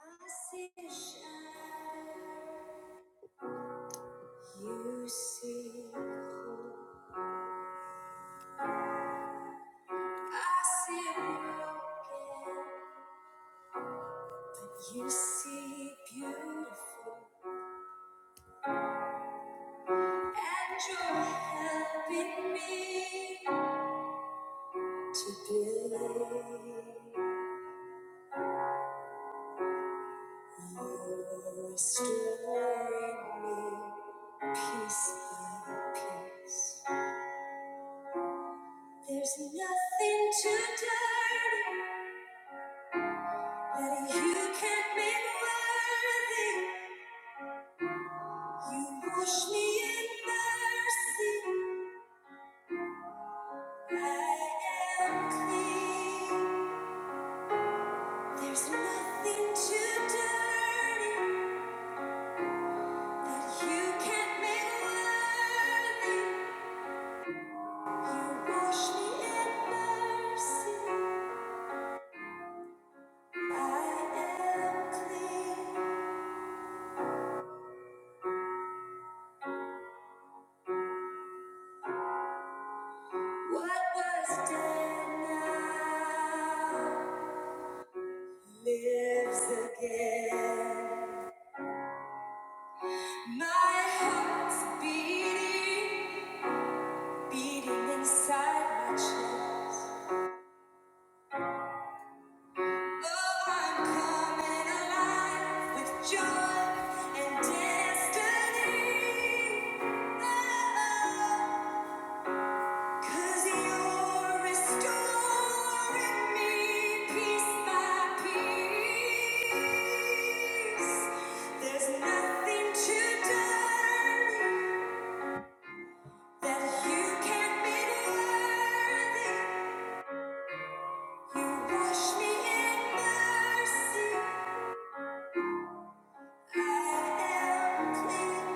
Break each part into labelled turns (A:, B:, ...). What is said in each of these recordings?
A: I see a shadow. You see hope. I see broken. You see beautiful. And you're helping me to believe. You're restoring me piece by piece. There's nothing too dirty that you can't make worthy. You wash me in mercy. I am clean. There's nothing too dirty that you can't make worthy. You wash me in mercy. I am clean. What was done now lives again. My heart's beating. Beating inside my chest. Oh, I'm coming alive with joy and destiny. Oh, 'cause you're restoring me piece by piece. There's nothing too done that you can't be worthy You wash me in mercy. I am clean.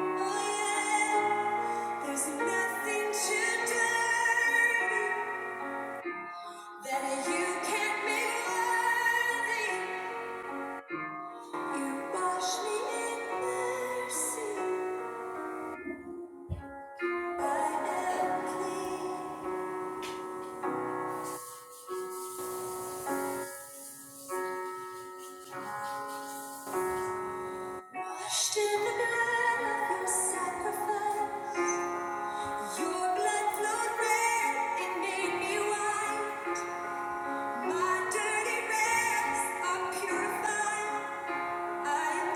A: I am. There's nothing too dirty that you can't make worthy. You wash me in mercy. I am clean. Washed in the blood of your sacrifice. Your blood flowed red. It made me white. Purified, I'm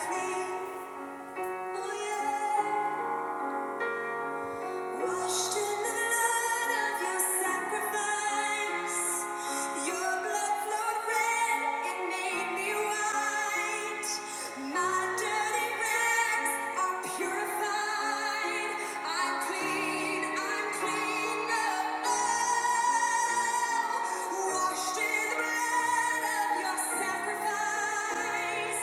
A: clean, I'm clean Washed in the blood of your sacrifice,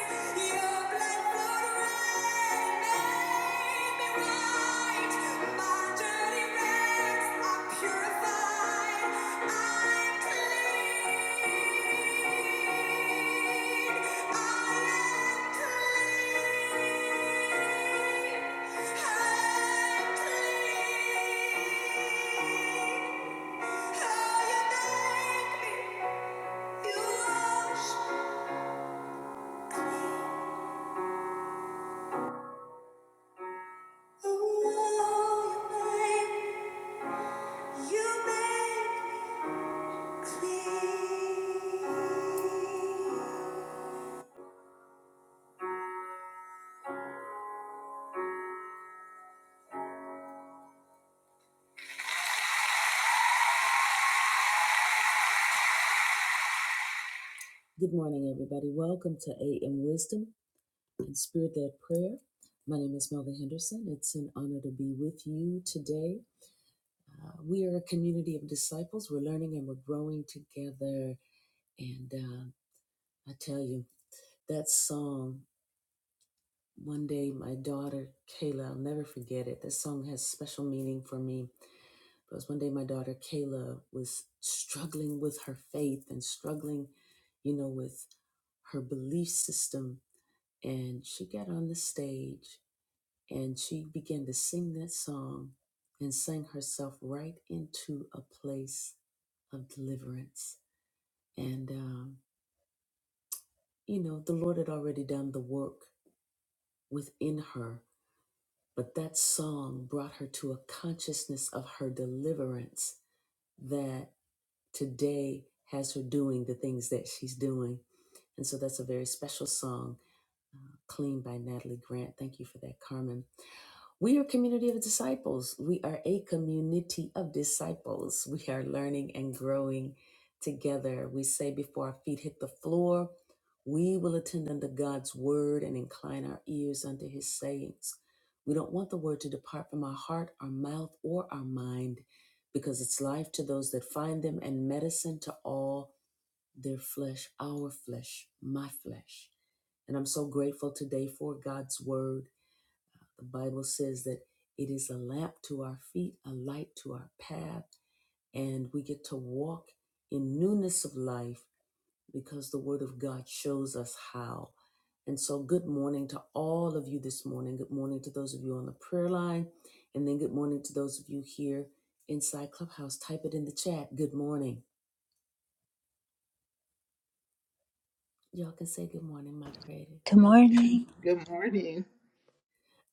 A: your blood flowed red, made me white. My dirty rags are purified. I'm clean. I am clean. I'm clean. How you make me? Good morning, everybody. Welcome to AM Wisdom and Spirit Led Prayer. My name is Melvin Henderson. It's an honor to be with you today. Uh, we are a community of disciples. We're learning and we're growing together. And uh, I tell you, that song. One day, my daughter Kayla, I'll never forget it. This song has special meaning for me. because one day my daughter Kayla was struggling with her faith and struggling, you know, with her belief system. And she got on the stage and she began to sing that song and sang herself right into a place of deliverance. And, um, you know, the Lord had already done the work within her But that song brought her to a consciousness of her deliverance that today has her doing the things that she's doing. And so that's a very special song, Clean by Natalie Grant. Thank you for that, Carmen. We are a community of disciples. We are a community of disciples. We are learning and growing together. We say before our feet hit the floor, we will attend unto God's word and incline our ears unto his sayings. We don't want the word to depart from our heart, our mouth, or our mind, because it's life to those that find them and medicine to all their flesh, our flesh, my flesh. And I'm so grateful today for God's word. The Bible says that it is a lamp to our feet, a light to our path, and we get to walk in newness of life because the Word of God shows us how. And so, good morning to all of you this morning. Good morning to those of you on the prayer line, and then good morning to those of you here inside Clubhouse. Type it in the chat. Good morning. Y'all can say good morning, moderators.
B: Good morning.
C: Good morning.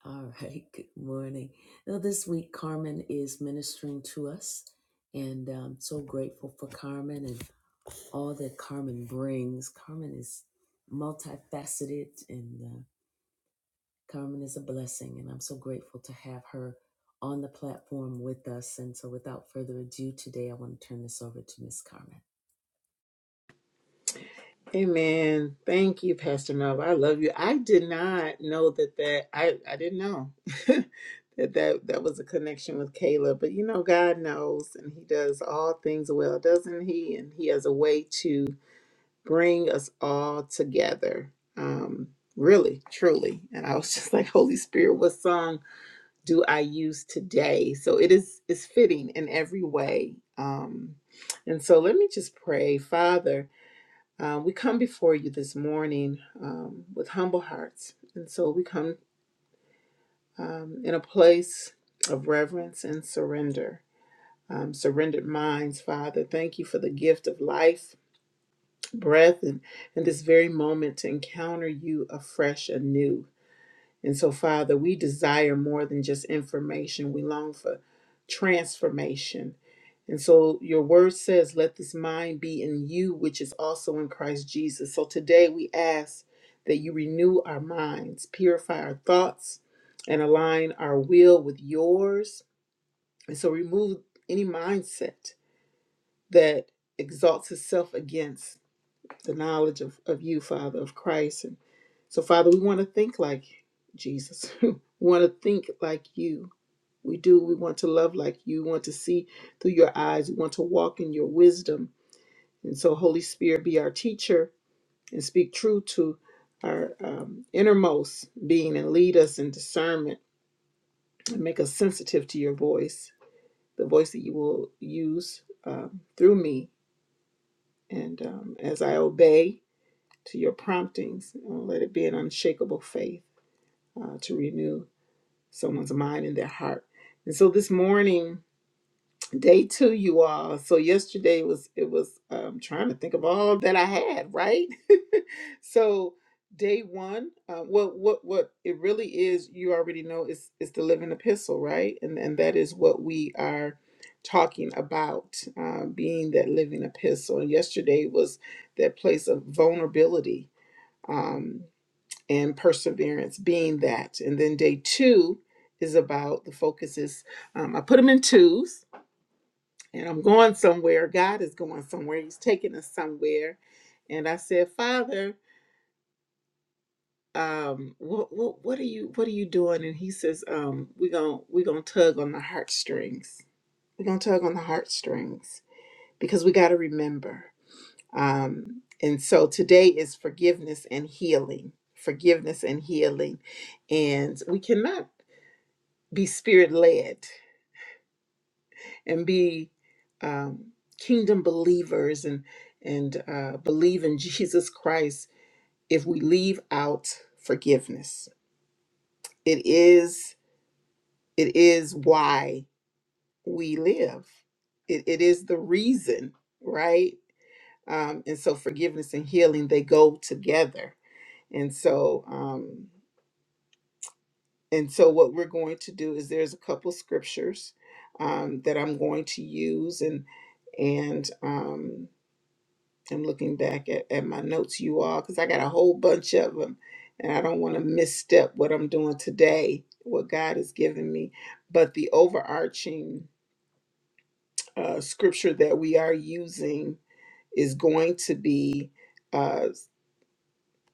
A: All right, good morning. Now, this week, Carmen is ministering to us, and I'm so grateful for Carmen and all that Carmen brings. Carmen is multifaceted, and uh, Carmen is a blessing, and I'm so grateful to have her on the platform with us. And so, without further ado, today I want to turn this over to Miss Carmen.
C: Amen. Thank you, Pastor Melv. I love you. I did not know that that I I didn't know that that that was a connection with Caleb. But you know, God knows, and He does all things well, doesn't He? And He has a way to bring us all together. Um, really, truly. And I was just like, Holy Spirit, what song do I use today? So it is is fitting in every way. Um, and so let me just pray, Father. Uh, we come before you this morning um, with humble hearts. And so we come um, in a place of reverence and surrender, um, surrendered minds, Father. Thank you for the gift of life, breath, and, and this very moment to encounter you afresh, anew. And so, Father, we desire more than just information. We long for transformation. And so, your word says, Let this mind be in you, which is also in Christ Jesus. So, today we ask that you renew our minds, purify our thoughts, and align our will with yours. And so, remove any mindset that exalts itself against the knowledge of, of you, Father, of Christ. And so, Father, we want to think like Jesus. we want to think like you. We do. We want to love like you. We want to see through your eyes. We want to walk in your wisdom. And so, Holy Spirit, be our teacher and speak true to our um, innermost being and lead us in discernment and make us sensitive to your voice, the voice that you will use um, through me. And um, as I obey, to your promptings. And let it be an unshakable faith uh, to renew someone's mind and their heart. And so this morning, day two, you all. So yesterday was it was um, trying to think of all that I had, right? so day one, uh, what what what it really is, you already know, is is the living epistle, right? And and that is what we are talking about uh, being that living epistle. And yesterday was that place of vulnerability um, and perseverance being that. And then day two is about the focuses. Um, I put them in twos, and I'm going somewhere. God is going somewhere. He's taking us somewhere. And I said, Father, um, what what what are you what are you doing? And He says, um, we're gonna we're gonna tug on the heartstrings. We're gonna tug on the heartstrings because we got to remember. Um, and so today is forgiveness and healing. Forgiveness and healing and we cannot be spirit led and be um, kingdom believers and and uh, believe in Jesus Christ if we leave out forgiveness it is it is why we live it, it is the reason right um, and so forgiveness and healing they go together and so um, And so, what we're going to do is there's a couple scriptures um, that I'm going to use, and and um, I'm looking back at, at my notes, you all, because I got a whole bunch of them, and I don't want to misstep what I'm doing today, what God has given me. But the overarching uh, scripture that we are using is going to be uh,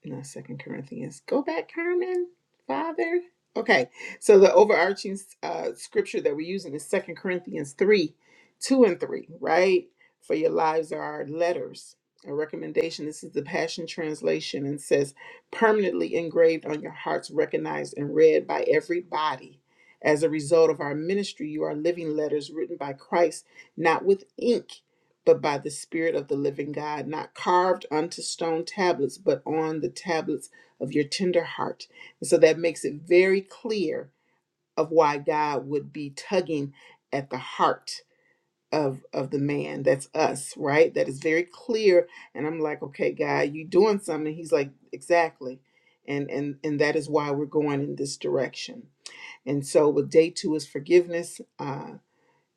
C: not second corinthians go back carmen father okay so the overarching uh, scripture that we're using is second corinthians 3 2 and 3 right for your lives are our letters a recommendation this is the passion translation and says permanently engraved on your hearts recognized and read by everybody as a result of our ministry you are living letters written by christ not with ink but by the Spirit of the living God, not carved unto stone tablets, but on the tablets of your tender heart. And so that makes it very clear of why God would be tugging at the heart of of the man. That's us, right? That is very clear. And I'm like, okay, God, you doing something. He's like, exactly. And and and that is why we're going in this direction. And so with day two is forgiveness uh,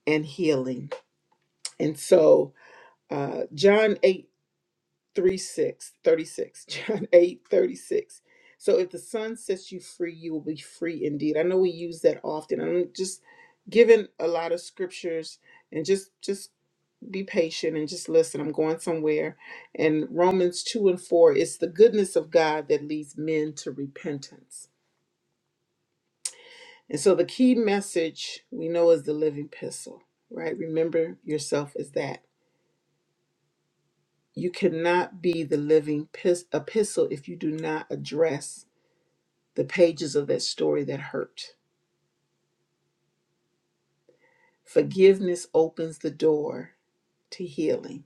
C: and healing. And so uh, John 8 3 thirty six thirty-six John 8 36. So if the Son sets you free, you will be free indeed. I know we use that often. I'm just giving a lot of scriptures and just just be patient and just listen. I'm going somewhere. And Romans 2 and 4, it's the goodness of God that leads men to repentance. And so the key message we know is the living epistle, right? Remember yourself as that. You cannot be the living pis- epistle if you do not address the pages of that story that hurt. Forgiveness opens the door to healing.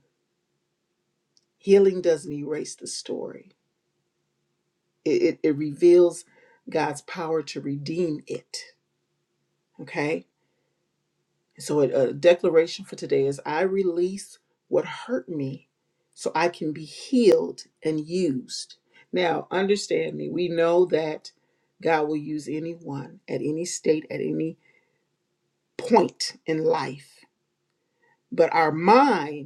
C: Healing doesn't erase the story, it, it, it reveals God's power to redeem it. Okay? So, a, a declaration for today is I release what hurt me so I can be healed and used. Now, understand me, we know that God will use anyone at any state, at any point in life. But our mind,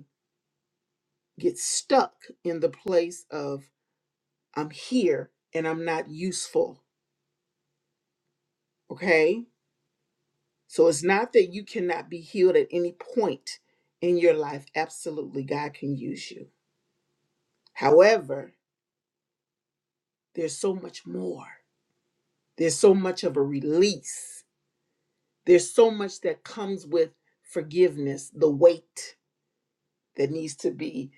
C: get stuck in the place of I'm here and I'm not useful. Okay. So it's not that you cannot be healed at any point in your life. Absolutely, God can use you. However, there's so much more. There's so much of a release. There's so much that comes with forgiveness, the weight that needs to be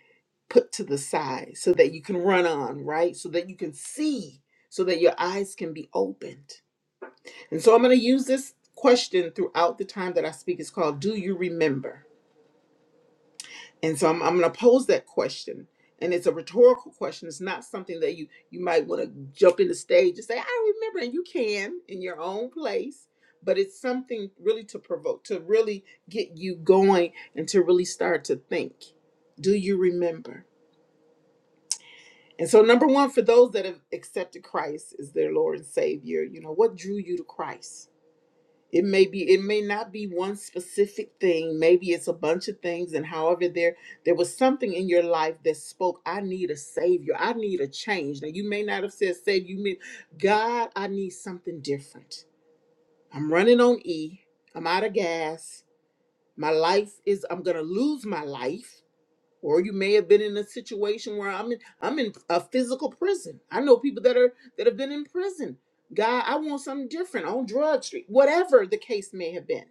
C: put to the side so that you can run on, right? So that you can see, so that your eyes can be opened And so I'm going to use this question throughout the time that I speak. It's called Do You Remember? And so I'm, I'm going to pose that question. And it's a rhetorical question. It's not something that you you might want to jump in the stage and say, I remember. And you can in your own place. But it's something really to provoke, to really get you going and to really start to think. Do you remember? And so, number one, for those that have accepted Christ as their Lord and Savior, you know, what drew you to Christ? it may be it may not be one specific thing maybe it's a bunch of things and however there there was something in your life that spoke i need a savior i need a change now you may not have said savior you mean god i need something different i'm running on e i'm out of gas my life is i'm gonna lose my life or you may have been in a situation where i'm in i'm in a physical prison i know people that are that have been in prison god i want something different on drug street whatever the case may have been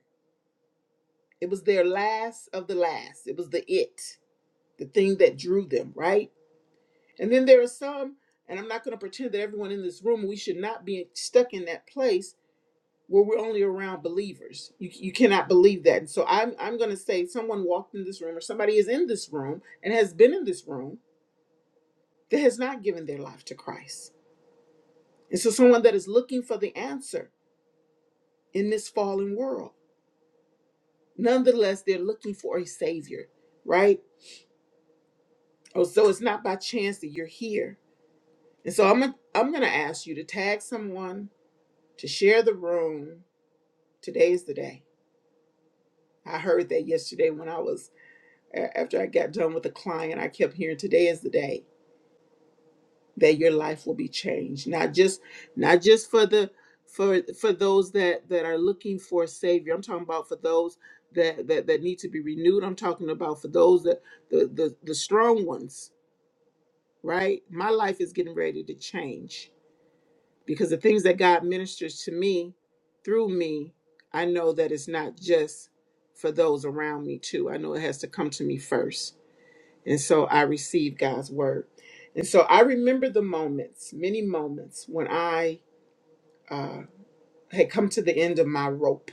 C: it was their last of the last. It was the it, the thing that drew them, right? And then there are some, and I'm not going to pretend that everyone in this room, we should not be stuck in that place where we're only around believers. You, you cannot believe that. And so I'm, I'm going to say someone walked in this room or somebody is in this room and has been in this room that has not given their life to Christ. And so someone that is looking for the answer in this fallen world, nonetheless, they're looking for a savior, right? Oh, so it's not by chance that you're here And so I'm gonna, I'm going to ask you to tag someone to share the room. Today's the day. I heard that yesterday when I was a- after I got done with a client. I kept hearing today is the day that your life will be changed. Not just not just for the for for those that that are looking for a savior. I'm talking about for those that that that need to be renewed. I'm talking about for those that the the, the strong ones, right? My life is getting ready to change because the things that God ministers to me through me, I know that it's not just for those around me too. I know it has to come to me first. And so I receive God's word. And so I remember the moments, many moments, when I uh, had come to the end of my rope,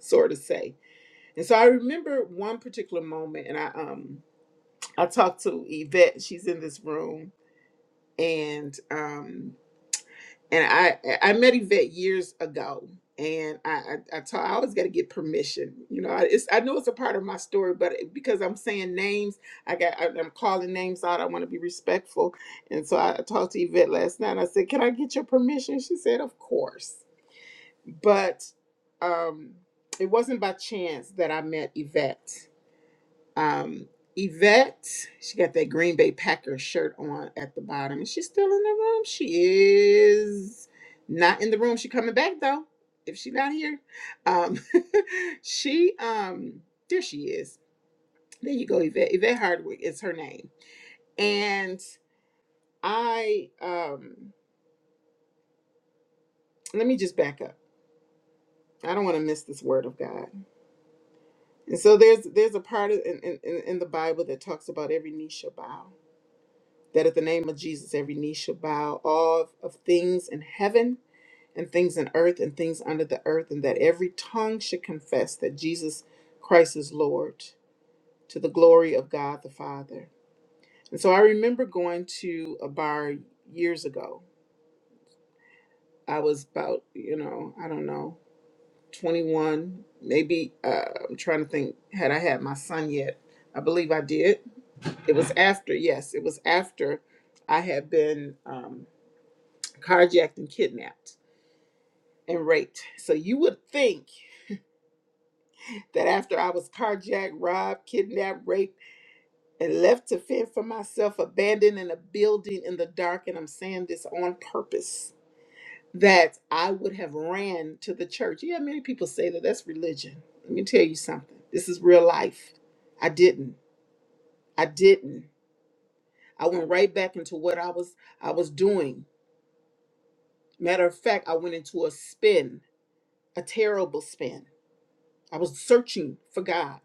C: so to say. And so I remember one particular moment, and I um I talked to Yvette. She's in this room, and um and I I met Yvette years ago, and I I, I, ta- I always got to get permission. You know, I, it's I know it's a part of my story, but it- because I'm saying names, I got I, I'm calling names out. I want to be respectful, and so I talked to Yvette last night. And I said, "Can I get your permission?" She said, "Of course," but um, it wasn't by chance that I met Yvette. Um, Yvette, she got that Green Bay Packers shirt on at the bottom. Is she still in the room? She is not in the room. She coming back though. If she not here, um, she um, there she is. There you go, Yvette. Yvette Hardwick is her name. And I um, let me just back up. I don't want to miss this word of God. And so there's there's a part of, in, in in in the Bible that talks about every knee shall bow that at the name of Jesus, every knee shall bow, all of of things in heaven and things in earth and things under the earth, and that every tongue should confess that Jesus Christ is Lord to the glory of God the Father. And so I remember going to a bar years ago. I was about, you know, I don't know, 21, maybe, uh, I'm trying to think, had I had my son yet? I believe I did. It was after, yes, it was after I had been. Um, carjacked and kidnapped and raped. So you would think that after I was carjacked, robbed, kidnapped, raped, and left to fend for myself, abandoned in a building in the dark, and I'm saying this on purpose, that I would have ran to the church. Yeah, many people say that that's religion. Let me tell you something. This is real life. I didn't. I didn't. I went right back into what I was I was doing. Matter of fact, I went into a spin, a terrible spin. I was searching for God.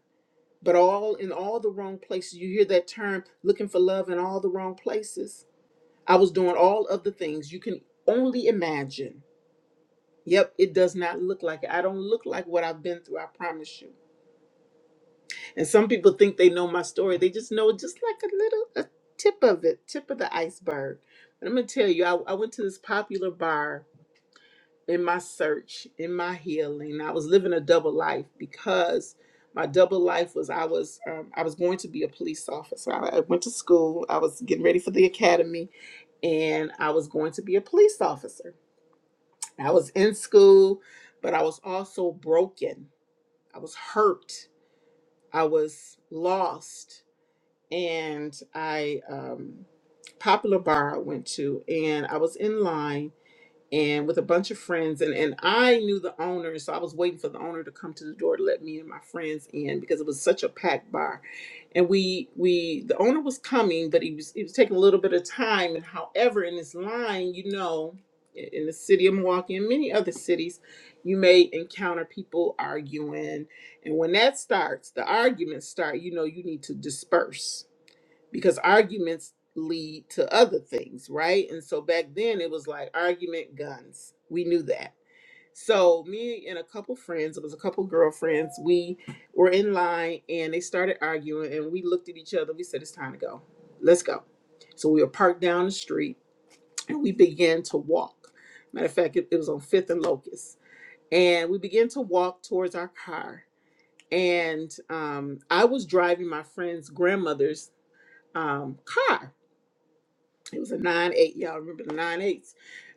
C: but all in all the wrong places. You hear that term looking for love in all the wrong places. I was doing all of the things you can only imagine. Yep, it does not look like it. I don't look like what I've been through, I promise you. And some people think they know my story. They just know just like a little a tip of it, tip of the iceberg. But I'm gonna tell you, I, I went to this popular bar in my search, in my healing. I was living a double life because my double life was I was um, I was going to be a police officer. I, I went to school. I was getting ready for the academy, and I was going to be a police officer. I was in school, but I was also broken. I was hurt. I was lost, and I um, popular bar I went to, and I was in line and with a bunch of friends and and I knew the owner so I was waiting for the owner to come to the door to let me and my friends in because it was such a packed bar and we we the owner was coming but he was he was taking a little bit of time and however in this line you know in in the city of Milwaukee and many other cities you may encounter people arguing and when that starts the arguments start you know you need to disperse because arguments lead to other things, right? And so back then it was like argument guns. We knew that. So me and a couple friends, it was a couple girlfriends, we were in line and they started arguing and we looked at each other. We said, it's time to go. Let's go. So we were parked down the street and we began to walk. Matter of fact, it, it was on Fifth and Locust. And we began to walk towards our car. And um, I was driving my friend's grandmother's um, car it was a nine eight. Y'all remember the nine eights?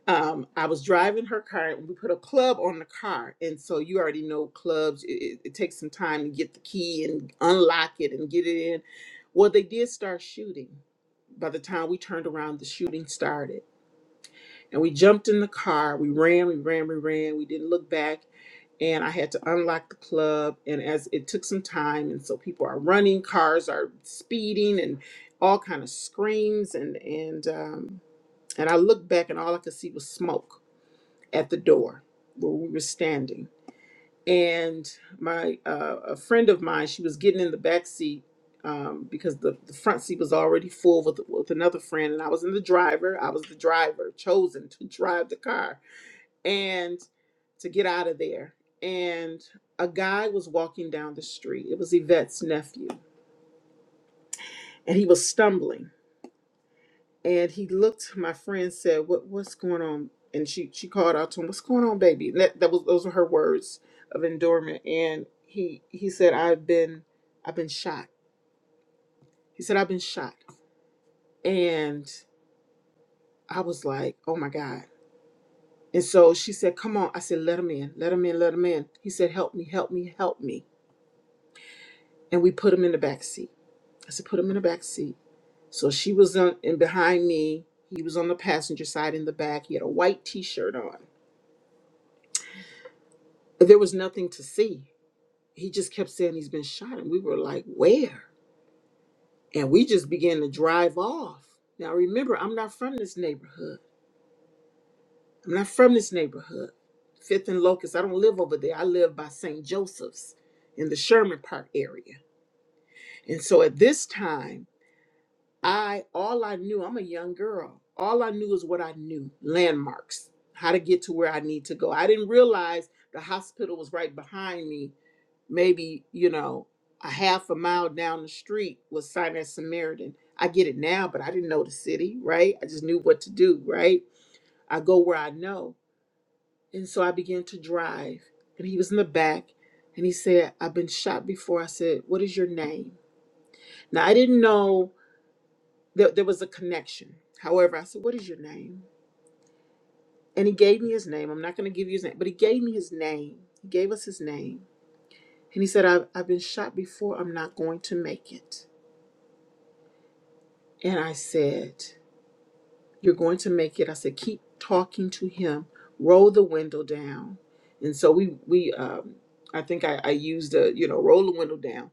C: Um, I was driving her car. and We put a club on the car, and so you already know clubs. It, it, it takes some time to get the key and unlock it and get it in. Well, they did start shooting. By the time we turned around, the shooting started, and we jumped in the car. We ran, we ran, we ran. We didn't look back, and I had to unlock the club. And as it took some time, and so people are running, cars are speeding, and all kind of screams and and. Um, and I looked back and all I could see was smoke at the door where we were standing. And my uh, a friend of mine, she was getting in the back seat um, because the, the front seat was already full with, with another friend. And I was in the driver. I was the driver chosen to drive the car and to get out of there. And a guy was walking down the street. It was Yvette's nephew. And he was stumbling and he looked my friend said what what's going on and she she called out to him what's going on baby And that, that was those were her words of endurement and he he said i've been i've been shot he said i've been shot and i was like oh my god and so she said come on i said let him in let him in let him in he said help me help me help me and we put him in the back seat i said put him in the back seat so she was on and behind me he was on the passenger side in the back he had a white t-shirt on There was nothing to see. He just kept saying he's been shot, and we were like, where? And we just began to drive off. Now, remember, I'm not from this neighborhood. I'm not from this neighborhood. Fifth and Locust, I don't live over there. I live by St. Joseph's in the Sherman Park area. And so at this time, I all I knew, I'm a young girl. All I knew is what I knew, landmarks, how to get to where I need to go. I didn't realize the hospital was right behind me maybe you know a half a mile down the street was Sinai Samaritan. I get it now, but I didn't know the city, right? I just knew what to do, right? I go where I know, and so I began to drive, and he was in the back, and he said, "I've been shot before." I said, "What is your name?" Now I didn't know that there was a connection. However, I said, "What is your name?" And he gave me his name. I'm not going to give you his name, but he gave me his name. He gave us his name. And he said, I've, I've been shot before. I'm not going to make it. And I said, You're going to make it. I said, Keep talking to him, roll the window down. And so we, we, um, I think I, I used a, you know, roll the window down.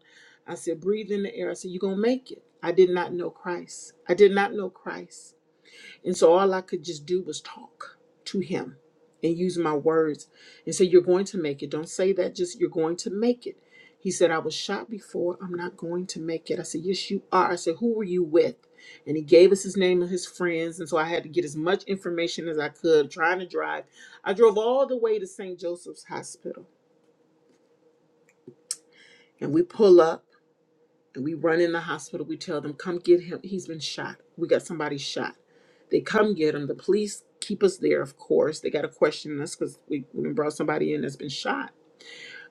C: I said, Breathe in the air. I said, You're going to make it. I did not know Christ. I did not know Christ. And so all I could just do was talk to him and use my words and say, You're going to make it. Don't say that, just you're going to make it. He said, I was shot before. I'm not going to make it. I said, Yes, you are. I said, Who were you with? And he gave us his name and his friends. And so I had to get as much information as I could trying to drive. I drove all the way to St. Joseph's Hospital and we pull up. We run in the hospital. We tell them, come get him. He's been shot. We got somebody shot. They come get him. The police keep us there, of course. They got to question us because we, we brought somebody in that's been shot.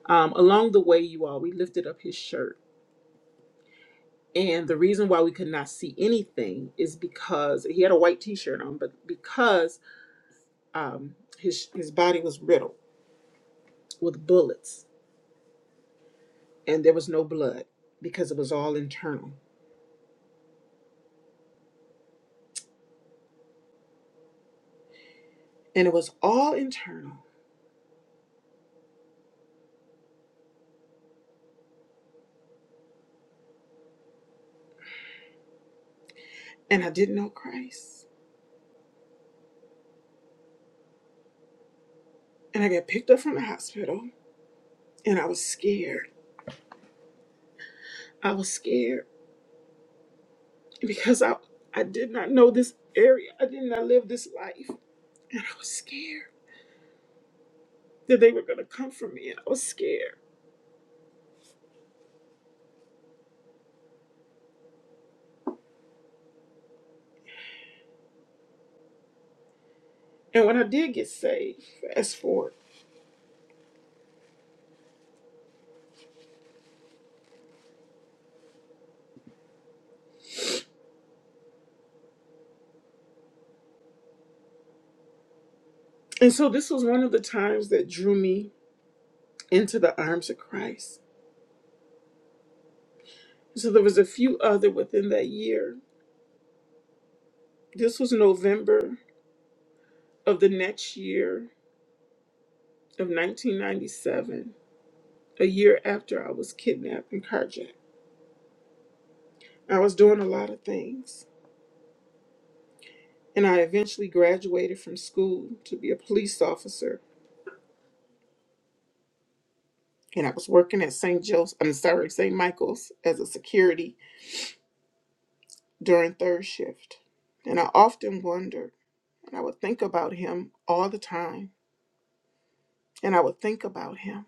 C: Um, along the way, you all, we lifted up his shirt. And the reason why we could not see anything is because he had a white t shirt on, but because um, his, his body was riddled with bullets and there was no blood because it was all internal. And it was all internal. And I didn't know Christ. and I got picked up from the hospital and I was scared. I was scared because I I did not know this area. I did not live this life. And I was scared that they were gonna come for me and I was scared. And when I did get saved, fast forward. And so this was one of the times that drew me into the arms of Christ. So there was a few other within that year. This was November of the next year of 1997, a year after I was kidnapped and carjacked. I was doing a lot of things. And I eventually graduated from school to be a police officer. And I was working at St. Joe's, I'm sorry, St. Michael's as a security during third shift. And I often wondered, and I would think about him all the time. And I would think about him.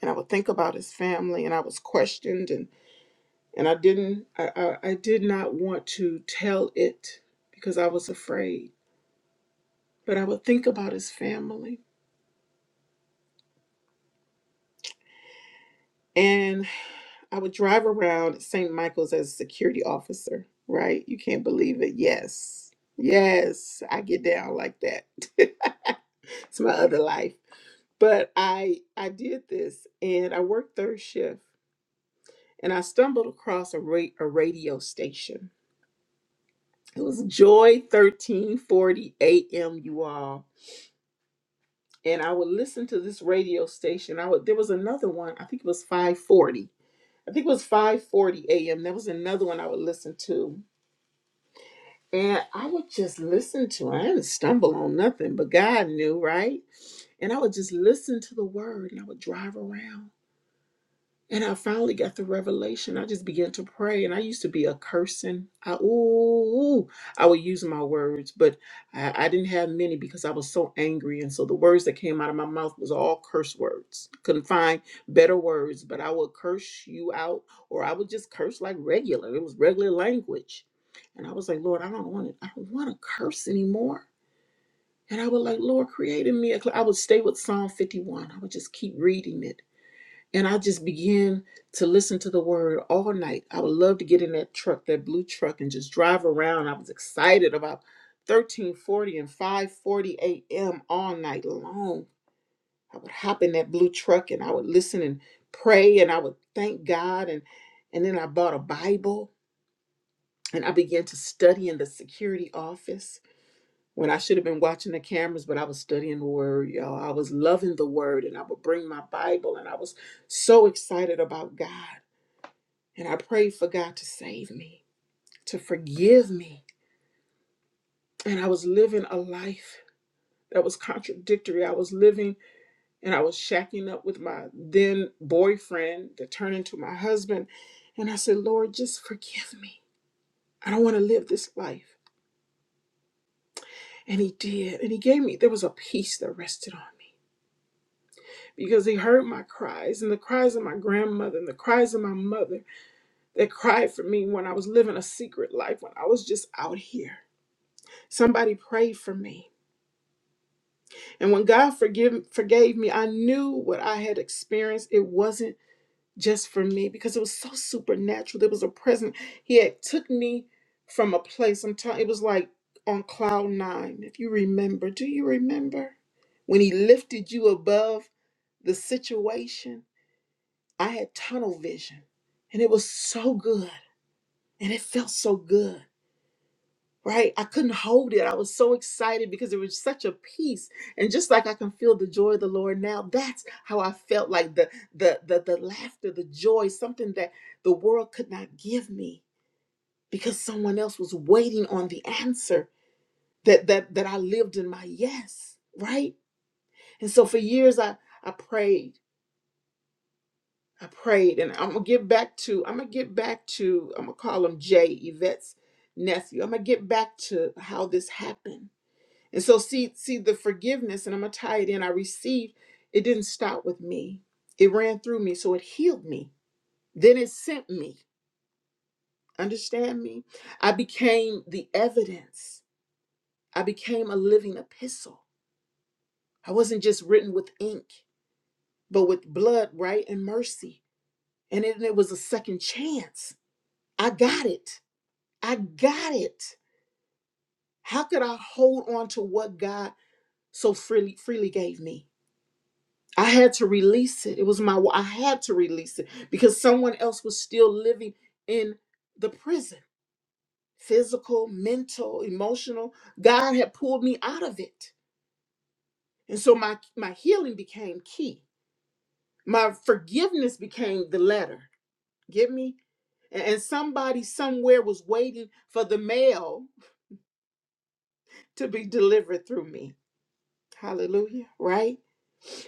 C: And I would think about his family. And I was questioned and, and I didn't I, I, I did not want to tell it because I was afraid. But I would think about his family. And I would drive around St. Michael's as a security officer, right? You can't believe it. Yes. Yes, I get down like that. it's my other life. But I I did this and I worked third shift and I stumbled across a ra- a radio station. It was Joy 1340 AM you all. And I would listen to this radio station. I would there was another one, I think it was 540. I think it was 540 AM. There was another one I would listen to And I would just listen to it. I didn't stumble on nothing, but God knew, right? And I would just listen to the word and I would drive around. And I finally got the revelation. I just began to pray, and I used to be a cursing. I ooh, I would use my words, but I, I didn't have many because I was so angry, and so the words that came out of my mouth was all curse words. Couldn't find better words, but I would curse you out, or I would just curse like regular. It was regular language, and I was like, Lord, I don't want to. I don't want to curse anymore. And I would like, Lord, create in me. A cl-. I would stay with Psalm fifty-one. I would just keep reading it and I just began to listen to the word all night. I would love to get in that truck, that blue truck, and just drive around. I was excited about 1340 and 540 a.m. all night long. I would hop in that blue truck and I would listen and pray and I would thank God. And, and then I bought a Bible and I began to study in the security office when I should have been watching the cameras, but I was studying the word, y'all. I was loving the word and I would bring my Bible and I was so excited about God. And I prayed for God to save me, to forgive me. And I was living a life that was contradictory. I was living and I was shacking up with my then boyfriend that turned into my husband. And I said, Lord, just forgive me. I don't want to live this life. And He did. And He gave me, there was a peace that rested on me because He heard my cries and the cries of my grandmother and the cries of my mother that cried for me when I was living a secret life, when I was just out here. Somebody prayed for me And when God forgive, forgave me, I knew what I had experienced. It wasn't just for me because it was so supernatural. There was a present. He had took me from a place. I'm telling it was like on cloud nine. If you remember, do you remember when he lifted you above the situation? I had tunnel vision and it was so good and it felt so good right? I couldn't hold it. I was so excited because there was such a peace. And just like I can feel the joy of the Lord now, that's how I felt like the the the, the laughter, the joy, something that the world could not give me because someone else was waiting on the answer that that that I lived in my yes, right? And so for years I I prayed. I prayed and I'm gonna get back to I'm gonna get back to I'm gonna call him Jay Yvette's nephew. I'm gonna get back to how this happened And so see see the forgiveness and I'm going to tie it in I received it didn't stop with me. It ran through me so it healed me. Then it sent me. Understand me? I became the evidence. I became a living epistle. I wasn't just written with ink, but with blood, right, and mercy. And it, it was a second chance. I got it. I got it. How could I hold on to what God so freely freely gave me? I had to release it. It was my I had to release it because someone else was still living in the prison. Physical, mental, emotional. God had pulled me out of it. And so my my healing became key. My forgiveness became the letter. Get me? And and somebody somewhere was waiting for the mail to be delivered through me. Hallelujah, right?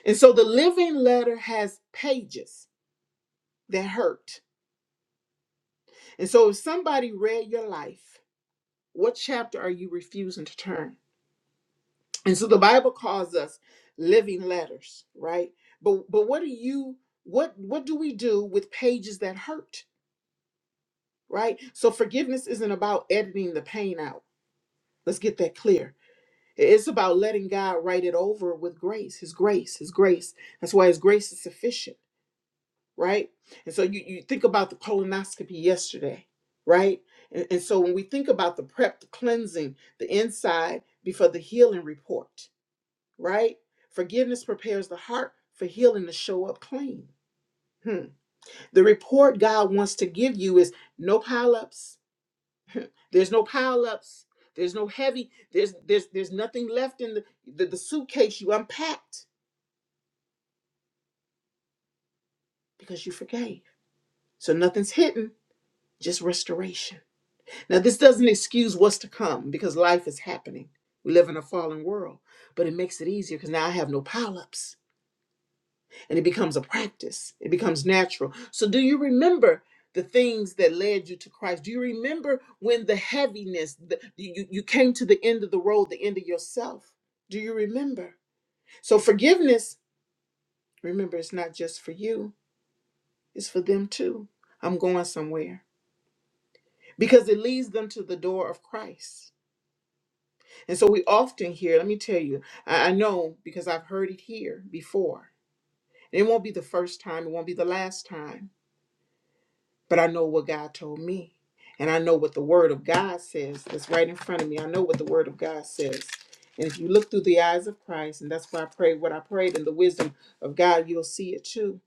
C: And so the living letter has pages that hurt And so if somebody read your life, what chapter are you refusing to turn? And so the Bible calls us living letters, right? But but what do you what what do we do with pages that hurt, right? So forgiveness isn't about editing the pain out. Let's get that clear. It's about letting God write it over with grace, his grace, his grace. That's why his grace is sufficient right? And so you, you think about the colonoscopy yesterday, right? And, and so when we think about the prep, the cleansing, the inside before the healing report, right? Forgiveness prepares the heart for healing to show up clean. Hmm. The report God wants to give you is no pileups. There's no pileups. There's no heavy. There's there's there's nothing left in the, the, the suitcase you unpacked because you forgave. So nothing's hidden, just restoration. Now, this doesn't excuse what's to come because life is happening. We live in a fallen world, but it makes it easier because now I have no pile ups and it becomes a practice. It becomes natural. So, do you remember the things that led you to Christ? Do you remember when the heaviness, the, you, you you came to the end of the road, the end of yourself? Do you remember? So, forgiveness, remember, it's not just for you, it's for them too. I'm going somewhere because it leads them to the door of Christ. And so we often hear, let me tell you, I, I know because I've heard it here before. And it won't be the first time, it won't be the last time, but I know what God told me. And I know what the Word of God says that's right in front of me. I know what the Word of God says. And if you look through the eyes of Christ, and that's why I prayed what I prayed in the wisdom of God, you'll see it too.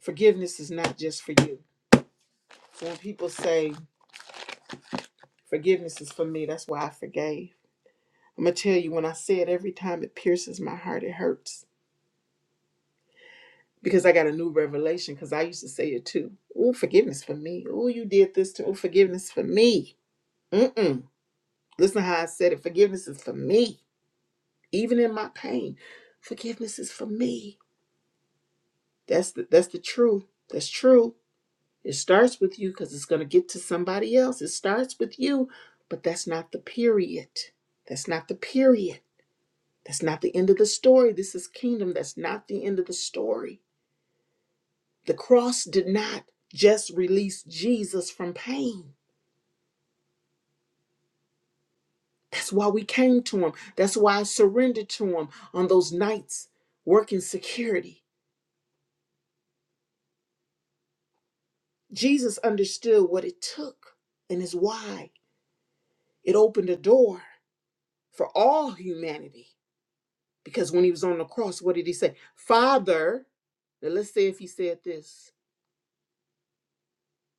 C: Forgiveness is not just for you. So when people say, forgiveness is for me, that's why I forgave. I'm going to tell you, when I say it every time, it pierces my heart, it hurts because I got a new revelation. Because I used to say it too. Oh, forgiveness for me. Oh, you did this to. Oh, forgiveness for me. Mm-mm. Listen to how I said it. Forgiveness is for me. Even in my pain, forgiveness is for me. That's the that's the truth. That's true. It starts with you because it's gonna get to somebody else. It starts with you, but that's not the period. That's not the period. That's not the end of the story. This is kingdom. That's not the end of the story. The cross did not just release Jesus from pain. That's why we came to him. That's why I surrendered to him on those nights working security. Jesus understood what it took and is why it opened a door for all humanity. Because when he was on the cross, what did he say? Father, now let's say if he said this,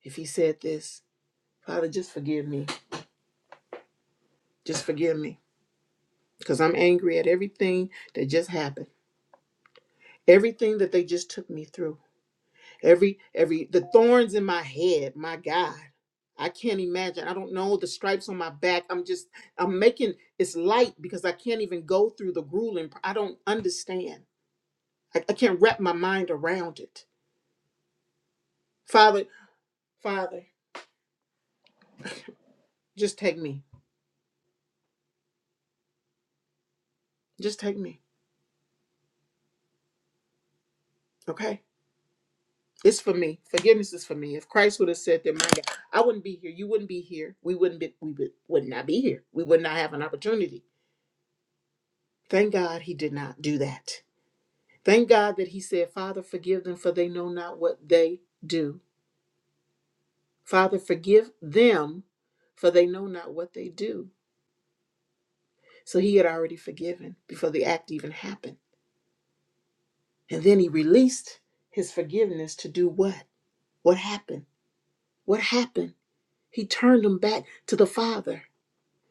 C: if he said this, Father, just forgive me. Just forgive me. Because I'm angry at everything that just happened. Everything that they just took me through, every every the thorns in my head, my God. I can't imagine. I don't know the stripes on my back. I'm just I'm making it's light because I can't even go through the grueling. I don't understand. I, I can't wrap my mind around it. Father, Father, just take me. Just take me. Okay? It's for me. Forgiveness is for me. If Christ would have said that, my God, I wouldn't be here. You wouldn't be here. We wouldn't be we would, would not be here. We would not have an opportunity. Thank God he did not do that. Thank God that He said, Father, forgive them, for they know not what they do. Father, forgive them, for they know not what they do. So He had already forgiven before the act even happened. And then He released His forgiveness to do what? What happened? What happened? He turned them back to the Father.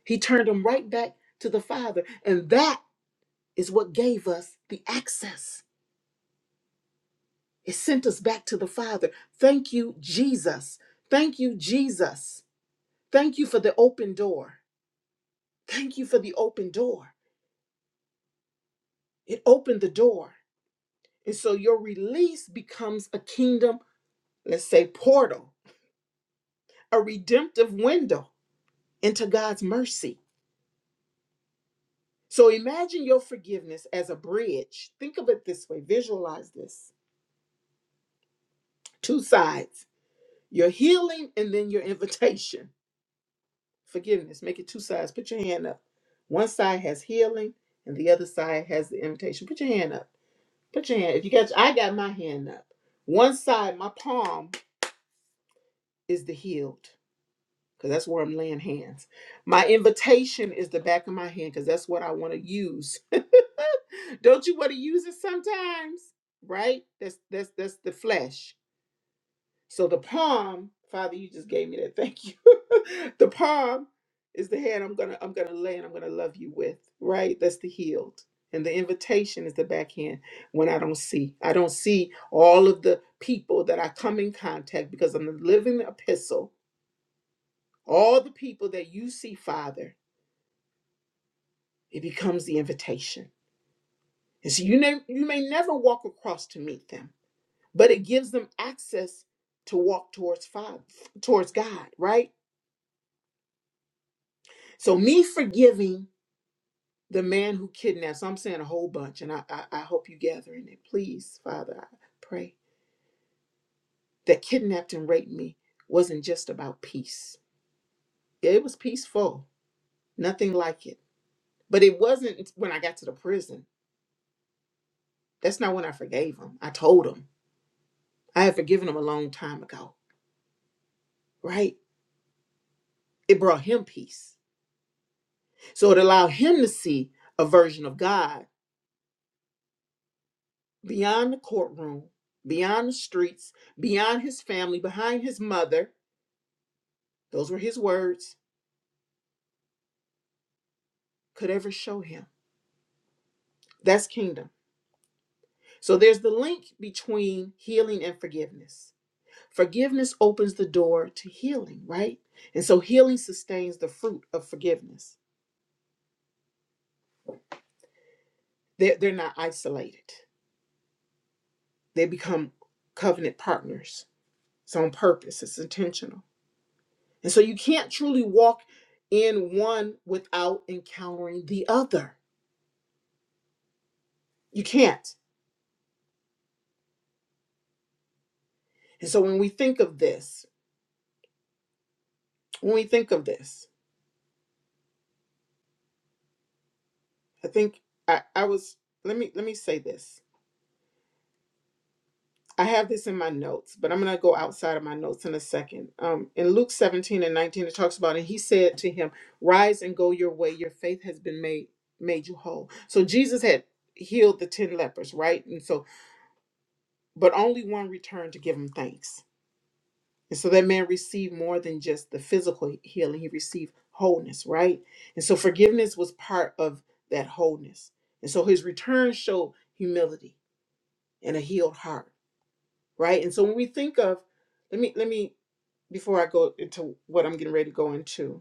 C: He turned them right back to the Father. And that is what gave us the access. It sent us back to the Father. Thank you, Jesus. Thank you, Jesus. Thank you for the open door. Thank you for the open door. It opened the door. And so your release becomes a kingdom, let's say, portal, a redemptive window into God's mercy. So imagine your forgiveness as a bridge. Think of it this way, visualize this two sides your healing and then your invitation. Forgiveness, make it two sides. Put your hand up. One side has healing and the other side has the invitation. Put your hand up. Put your hand. If you got, I got my hand up. One side, my palm is the healed, because that's where I'm laying hands. My invitation is the back of my hand, because that's what I want to use. Don't you want to use it sometimes? Right? That's that's that's the flesh. So the palm, Father, you just gave me that. Thank you. the palm is the hand I'm gonna I'm gonna lay and I'm gonna love you with, right? That's the healed. And the invitation is the backhand when I don't see. I don't see all of the people that I come in contact because I'm the living epistle. All the people that you see, Father, it becomes the invitation. And so you may, you may never walk across to meet them, but it gives them access to walk towards Father, towards God, right? So me forgiving the man who kidnaps, I'm saying a whole bunch, and I, I, I hope you gathering it. Please, Father, I pray that kidnapped and raped me wasn't just about peace. Yeah, It was peaceful, nothing like it. But it wasn't when I got to the prison. That's not when I forgave him. I told him I had forgiven him a long time ago, right? It brought him peace. So it allowed him to see a version of God beyond the courtroom, beyond the streets, beyond his family, behind his mother, those were his words, could ever show him. That's kingdom. So there's the link between healing and forgiveness. Forgiveness opens the door to healing, right? And so healing sustains the fruit of forgiveness. They're, they're not isolated, they become covenant partners. It's on purpose, it's intentional. And so you can't truly walk in one without encountering the other. You can't. And so when we think of this, when we think of this, I think I, I was let me let me say this. I have this in my notes, but I'm gonna go outside of my notes in a second. Um, in Luke 17 and 19, it talks about, and he said to him, "Rise and go your way. Your faith has been made made you whole." So Jesus had healed the ten lepers, right? And so, but only one returned to give him thanks. And so that man received more than just the physical healing; he received wholeness, right? And so forgiveness was part of that wholeness. And so his return showed humility and a healed heart right and so when we think of let me let me before i go into what i'm getting ready to go into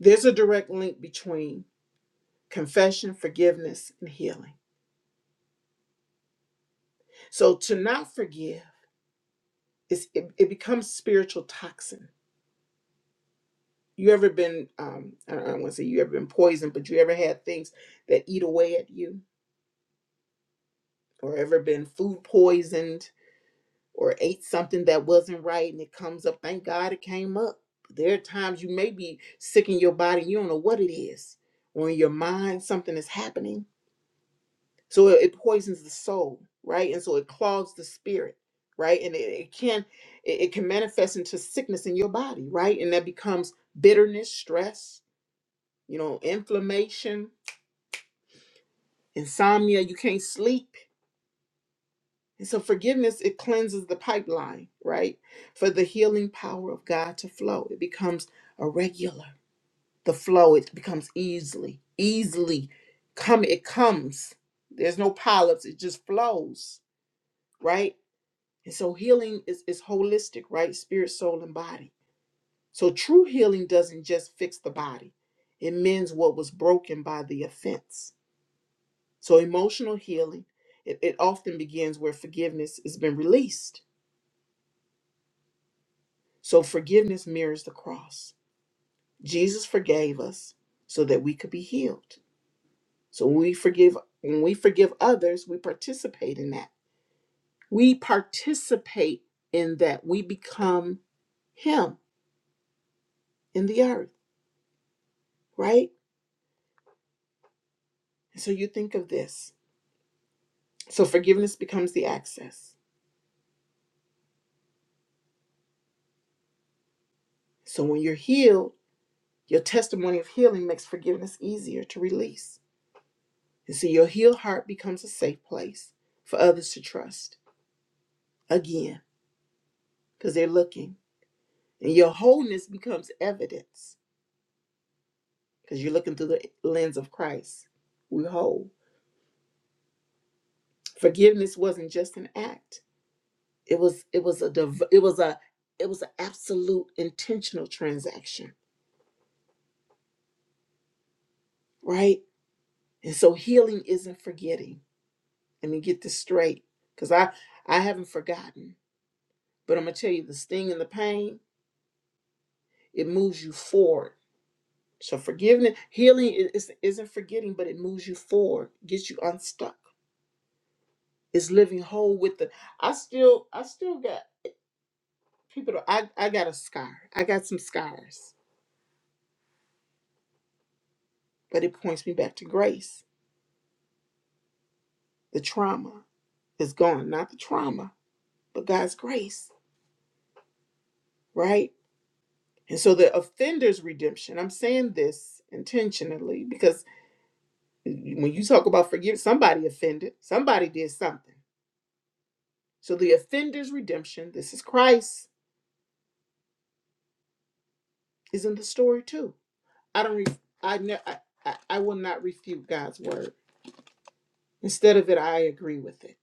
C: there's a direct link between confession forgiveness and healing so to not forgive is it, it becomes spiritual toxin you ever been um i don't want to say you ever been poisoned but you ever had things that eat away at you or ever been food poisoned or ate something that wasn't right and it comes up, thank God it came up. There are times you may be sick in your body, you don't know what it is, or in your mind, something is happening. So it, it poisons the soul, right? And so it clogs the spirit, right? And it, it can it, it can manifest into sickness in your body, right? And that becomes bitterness, stress, you know, inflammation, insomnia, you can't sleep And so forgiveness, it cleanses the pipeline, right? For the healing power of God to flow. It becomes a regular. The flow, it becomes easily, easily come, it comes. There's no polyps, it just flows, right? And so healing is, is holistic, right? Spirit, soul, and body. So true healing doesn't just fix the body, it mends what was broken by the offense. So emotional healing, it, it often begins where forgiveness has been released So forgiveness mirrors the cross. Jesus forgave us so that we could be healed. So when we forgive when we forgive others, we participate in that. We participate in that we become him in the earth, right? And so you think of this. So forgiveness becomes the access. So when you're healed, your testimony of healing makes forgiveness easier to release. And so your healed heart becomes a safe place for others to trust again because they're looking. And your wholeness becomes evidence because you're looking through the lens of Christ. We're whole. Forgiveness wasn't just an act. It was it was a div- it was a it was an absolute intentional transaction, right? And so healing isn't forgetting. Let me get this straight because I I haven't forgotten, but I'm gonna tell you the sting and the pain. It moves you forward. So forgiveness, healing i- is, isn't forgetting, but it moves you forward, gets you unstuck is living whole with the I still I still got people that- I, I got a scar. I got some scars. But it points me back to grace. The trauma is gone. Not the trauma, but God's grace, right? And so the offender's redemption, I'm saying this intentionally because when you talk about forgive somebody offended, somebody did something. So the offender's redemption, this is Christ, is in the story too. I don't re- I, ne- I I I will not refute God's word. Instead of it, I agree with it.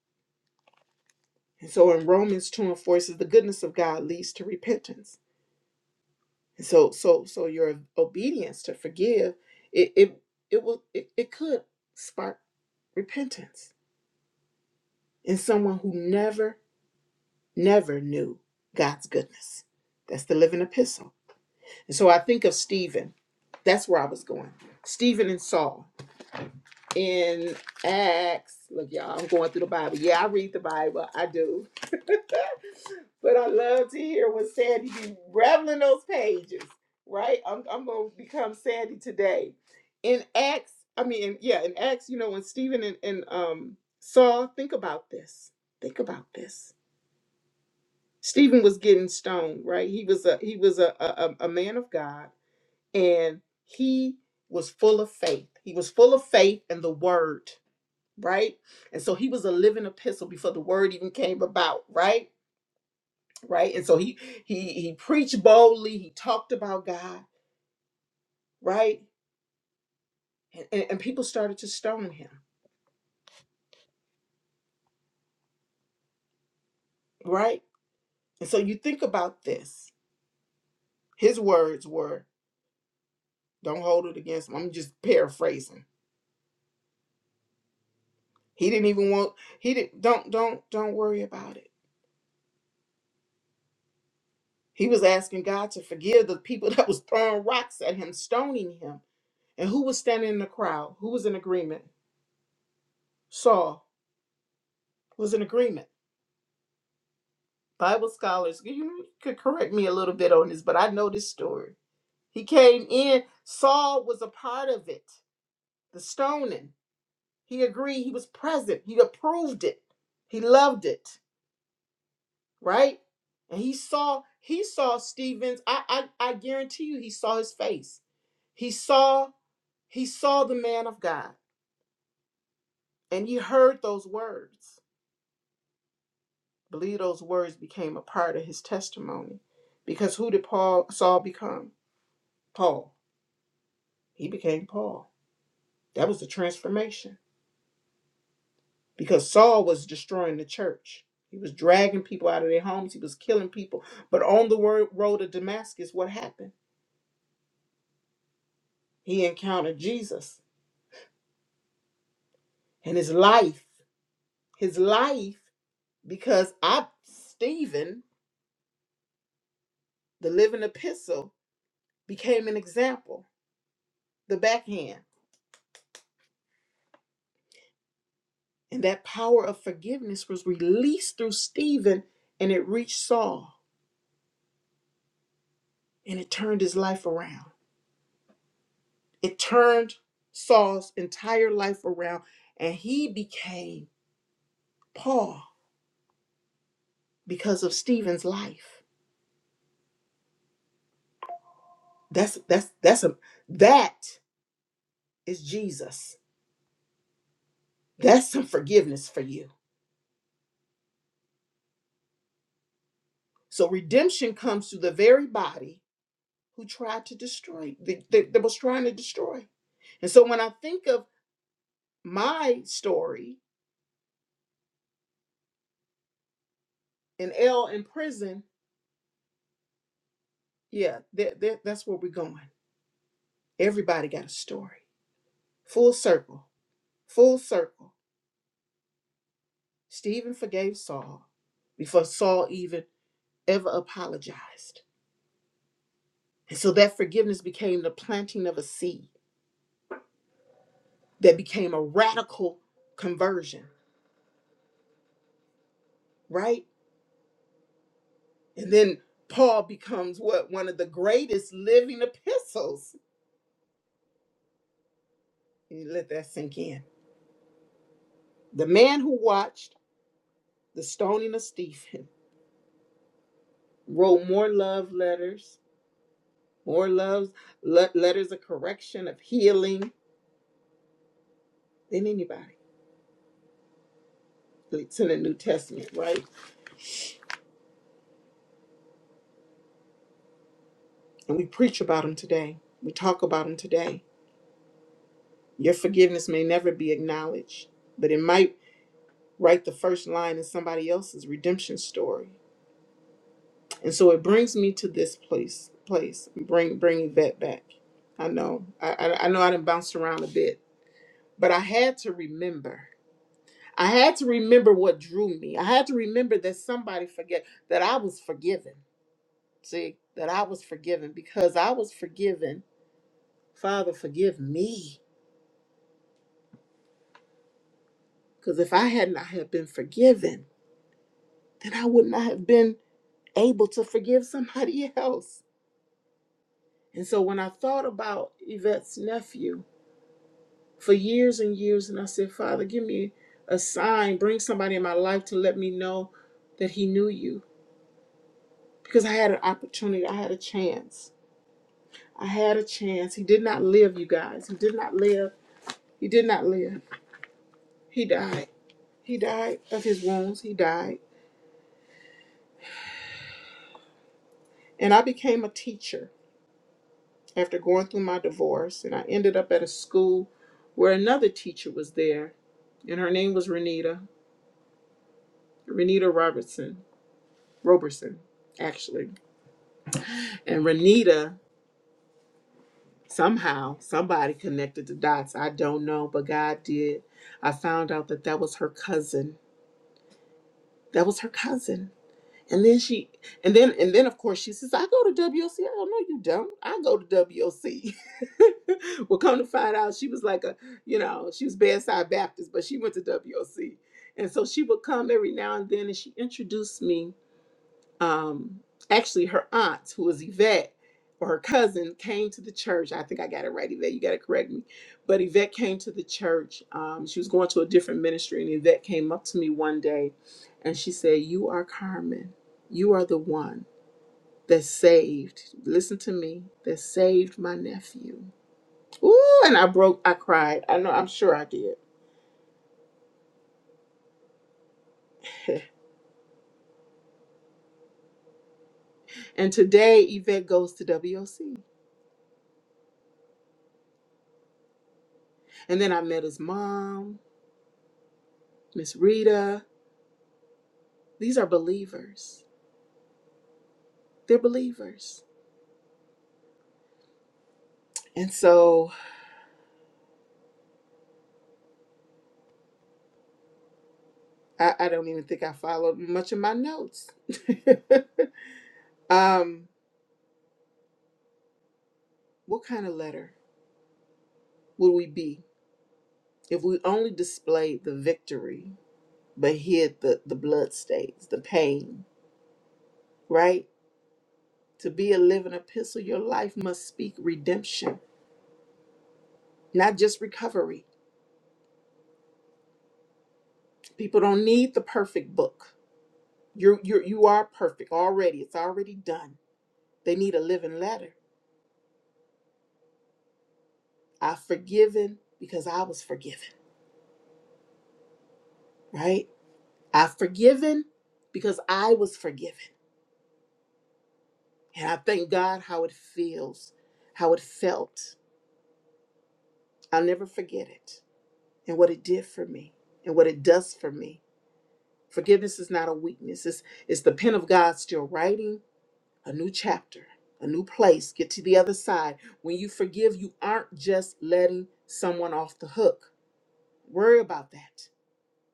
C: And so in Romans 2 and 4, it says the goodness of God leads to repentance. And so so so your obedience to forgive, it it it will it, it could spark repentance in someone who never, never knew God's goodness. That's the living epistle. And so I think of Stephen. That's where I was going. Stephen and Saul. in Acts. Look, y'all, I'm going through the Bible. Yeah, I read the Bible. I do. but I love to hear what Sandy be reveling those pages, right? I'm, I'm going to become Sandy today. In Acts, I mean, yeah, in Acts, you know, when Stephen and, and um, Saul, think about this. Think about this. Stephen was getting stoned, right? He was a he was a, a, a a man of God, and he was full of faith. He was full of faith and the word right? And so he was a living epistle before the word even came about, right? Right? And so he he he preached boldly, he talked about God, right? And, and, and people started to stone him, right? And so you think about this. His words were, don't hold it against him. I'm just paraphrasing. He didn't even want he didn't don't don't don't worry about it. He was asking God to forgive the people that was throwing rocks at him, stoning him. And who was standing in the crowd? Who was in agreement? Saul was in agreement. Bible scholars, you could correct me a little bit on this, but I know this story. He came in, Saul was a part of it, the stoning. He agreed, he was present, he approved it, he loved it, right? And he saw, he saw Stephen's, I, I, I guarantee you, he saw his face. He saw, he saw the man of God, and he heard those words. I believe those words became a part of his testimony. Because who did Paul Saul become? Paul. He became Paul. That was the transformation because Saul was destroying the church. He was dragging people out of their homes, he was killing people. But on the wor- road to Damascus, what happened? He encountered Jesus and his life, his life, because I, Stephen, the living epistle, became an example, the backhand. And that power of forgiveness was released through Stephen and it reached Saul and it turned his life around. It turned Saul's entire life around and he became Paul because of Stephen's life. That's that's that's a that is Jesus. That's some forgiveness for you. So redemption comes through the very body who tried to destroy that, that, that was trying to destroy. And so when I think of my story and L in prison, yeah, that, that, that's where we're going. Everybody got a story. Full circle. Full circle Stephen forgave Saul before Saul even ever apologized. And so that forgiveness became the planting of a seed that became a radical conversion, right? And then Paul becomes what one of the greatest living epistles. You let that sink in. The man who watched the stoning of Stephen wrote more love letters, more love le- letters of correction, of healing than anybody. It's in the New Testament, right? And we preach about them today. We talk about them today. Your forgiveness may never be acknowledged, but it might write the first line in somebody else's redemption story. And so it brings me to this place. Place bring bring Yvette back. I know. I, I, I know I done bounced around a bit, but I had to remember. I had to remember what drew me. I had to remember that somebody forget that I was forgiven. See that I was forgiven because I was forgiven. Father, forgive me Because if I had not have been forgiven, then I would not have been able to forgive somebody else. And so when I thought about Yvette's nephew for years and years, and I said, Father, give me a sign, bring somebody in my life to let me know that he knew you. Because I had an opportunity, I had a chance. I had a chance. He did not live, you guys. He did not live. He did not live. He died. He died of his wounds. He died. And I became a teacher. after going through my divorce, and I ended up at a school where another teacher was there, and her name was Renita, Renita Robertson, Roberson, actually. And Renita, somehow, somebody connected the dots. I don't know, but God did. I found out that that was her cousin. That was her cousin And then she, and then, and then of course she says, I go to WOC. I don't know, you don't. I go to WOC. well, come to find out, she was like a, you know, she was bedside Baptist, but she went to WOC. And so she would come every now and then and she introduced me um, actually her aunt, who was Yvette, or her cousin, came to the church. I think I got it right, Yvette. You got to correct me. But Yvette came to the church. Um, she was going to a different ministry, and Yvette came up to me one day, and she said, "You are Carmen. You are the one that saved. Listen to me. That saved my nephew." Ooh, and I broke. I cried. I know. I'm sure I did. And today, Yvette goes to WOC. And then I met his mom, Miss Rita. These are believers They're believers. And so I, I don't even think I followed much of my notes. um, what kind of letter would we be if we only displayed the victory but hid the, the blood stains, the pain, right? To be a living epistle, your life must speak redemption, not just recovery. People don't need the perfect book. You're, you're, you are perfect already. It's already done. They need a living letter. I've forgiven because I was forgiven. right? I've forgiven because I was forgiven. And I thank God how it feels, how it felt. I'll never forget it and what it did for me and what it does for me. Forgiveness is not a weakness, it's, it's the pen of God still writing a new chapter, a new place. Get to the other side. When you forgive, you aren't just letting someone off the hook. Worry about that.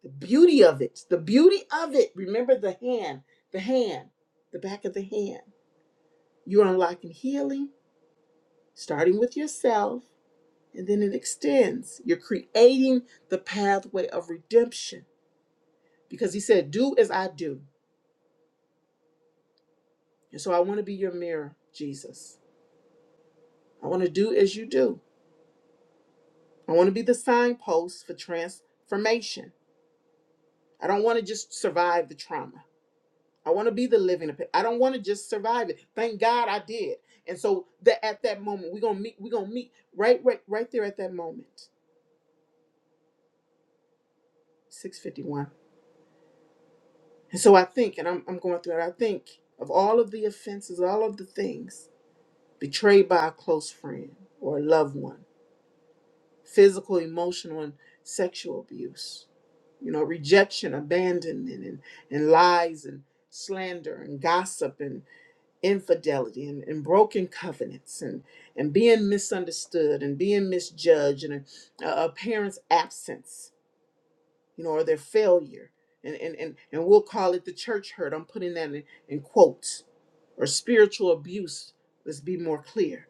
C: The beauty of it, the beauty of it. Remember the hand, the hand, the back of the hand You're unlocking healing, starting with yourself, and then it extends. You're creating the pathway of redemption because he said, Do as I do. And so I want to be your mirror, Jesus. I want to do as you do. I want to be the signpost for transformation. I don't want to just survive the trauma. I want to be the living. epi- I don't want to just survive it. Thank God I did. And so that at that moment, we're gonna meet, we're gonna meet right right right there at that moment. 651. And so I think, and I'm, I'm going through it, I think of all of the offenses, all of the things betrayed by a close friend or a loved one, physical, emotional, and sexual abuse, you know, rejection, abandonment, and, and lies and slander and gossip and infidelity and, and broken covenants and, and being misunderstood and being misjudged and a, a parent's absence you know, or their failure. And, and, and, and we'll call it the church hurt. I'm putting that in, in quotes. Or spiritual abuse, let's be more clear.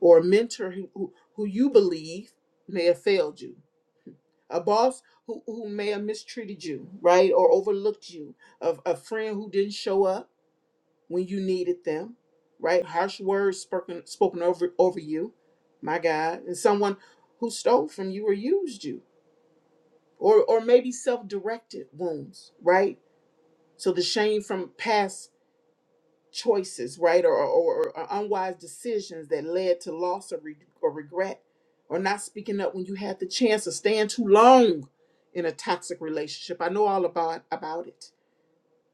C: Or a mentor who, who, who you believe may have failed you. A boss who, who may have mistreated you, right? Or overlooked you. A, a friend who didn't show up when you needed them, right? Harsh words spoken, spoken over, over you, my God. And someone who stole from you or used you. Or, or maybe self directed wounds, right? So the shame from past choices, right, or, or, or unwise decisions that led to loss or, re- or regret, or not speaking up when you had the chance, or staying too long in a toxic relationship. I know all about about it.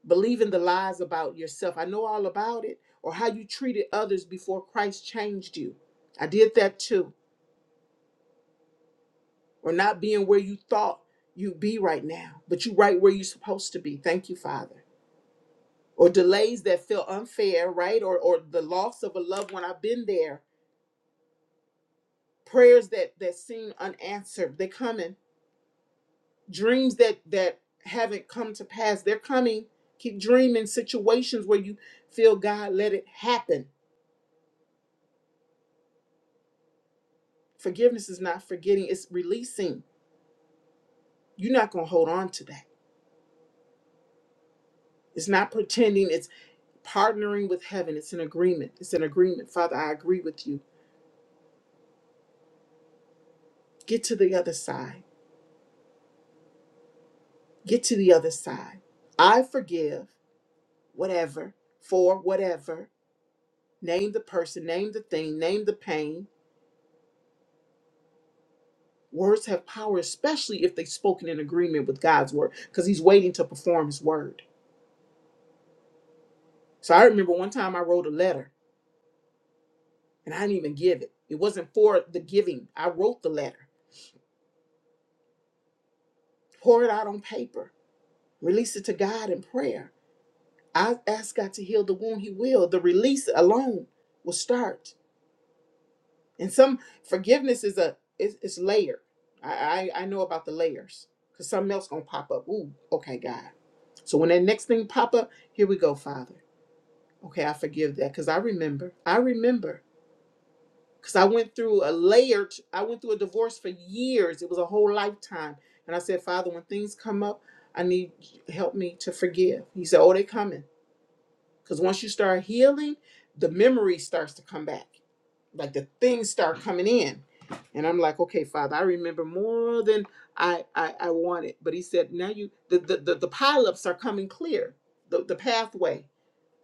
C: Believing the lies about yourself. I know all about it. Or how you treated others before Christ changed you. I did that too. Or not being where you thought you'd be right now, but you right where you're supposed to be. Thank you, Father. or delays that feel unfair, right? Or or the loss of a loved one. I've been there. Prayers that that seem unanswered, they're coming. Dreams that that haven't come to pass, they're coming. Keep dreaming situations where you feel God let it happen. Forgiveness is not forgetting, it's releasing. You're not going to hold on to that. It's not pretending, it's partnering with heaven. It's an agreement. It's an agreement. Father, I agree with you. Get to the other side. Get to the other side. I forgive whatever, for whatever. Name the person, name the thing, name the pain. Words have power, especially if they're spoken in agreement with God's word, because He's waiting to perform His word. So I remember one time I wrote a letter and I didn't even give it. It wasn't for the giving. I wrote the letter, pour it out on paper, release it to God in prayer. I asked God to heal the wound, He will. The release alone will start. and some forgiveness is a it's, it's layered I, I i know about the layers because something else gonna pop up ooh okay god so when that next thing pop up here we go father okay i forgive that because i remember i remember because i went through a layered i went through a divorce for years it was a whole lifetime and i said father when things come up i need help me to forgive he said oh they coming because once you start healing, the memory starts to come back. Like the things start coming in. And I'm like, okay, Father, I remember more than I I, I wanted. But he said, now you the the, the, the pileups are coming clear, the, the pathway.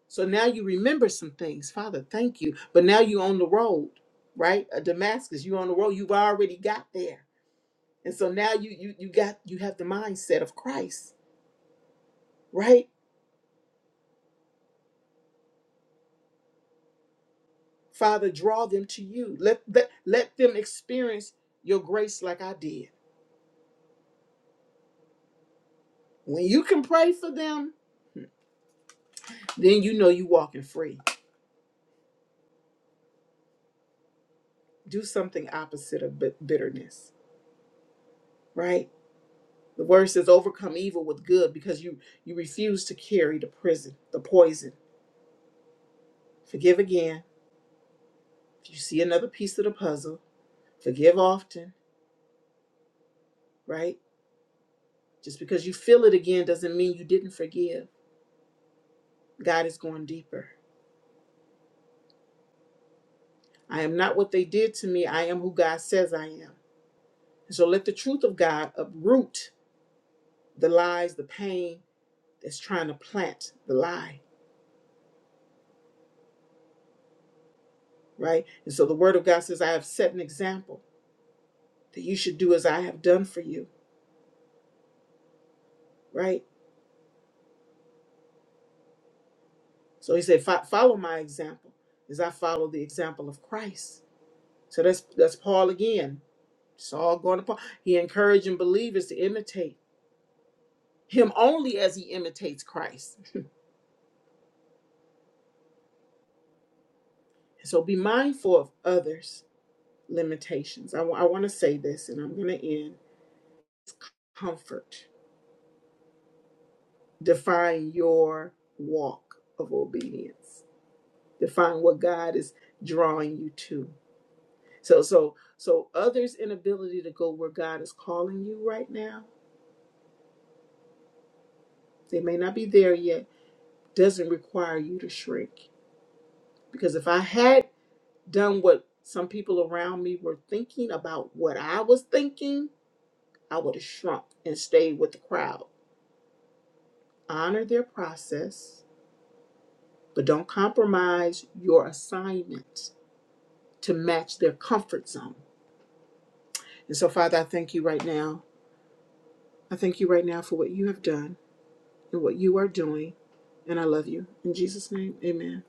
C: So now you remember some things. Father, thank you. But now you on the road, right? A Damascus, you on the road. You've already got there. And so now you you you got you have the mindset of Christ, right? Father, draw them to you. Let, let, let them experience your grace like I did. When you can pray for them, then you know you're walking free. Do something opposite of bit- bitterness, right? The word says, overcome evil with good because you, you refuse to carry the prison, the poison. Forgive again. If you see another piece of the puzzle, forgive often, right? Just because you feel it again doesn't mean you didn't forgive. God is going deeper. I am not what they did to me. I am who God says I am. And So let the truth of God uproot the lies, the pain that's trying to plant the lie, right? And so the word of God says, I have set an example that you should do as I have done for you, right? So he said, "Fo- follow my example as I follow the example of Christ. So that's that's Paul again. It's all going to Paul. He encouraging believers to imitate him only as he imitates Christ. And So be mindful of others' limitations. I want to say this, and I'm going to end. Comfort. define your walk of obedience define what god is drawing you to so so so others inability to go where god is calling you right now they may not be there yet doesn't require you to shrink because if i had done what some people around me were thinking about what i was thinking i would have shrunk and stayed with the crowd honor their process but don't compromise your assignment to match their comfort zone And so, Father, I thank you right now. I thank you right now for what you have done and what you are doing. And I love you. In Jesus' name, amen.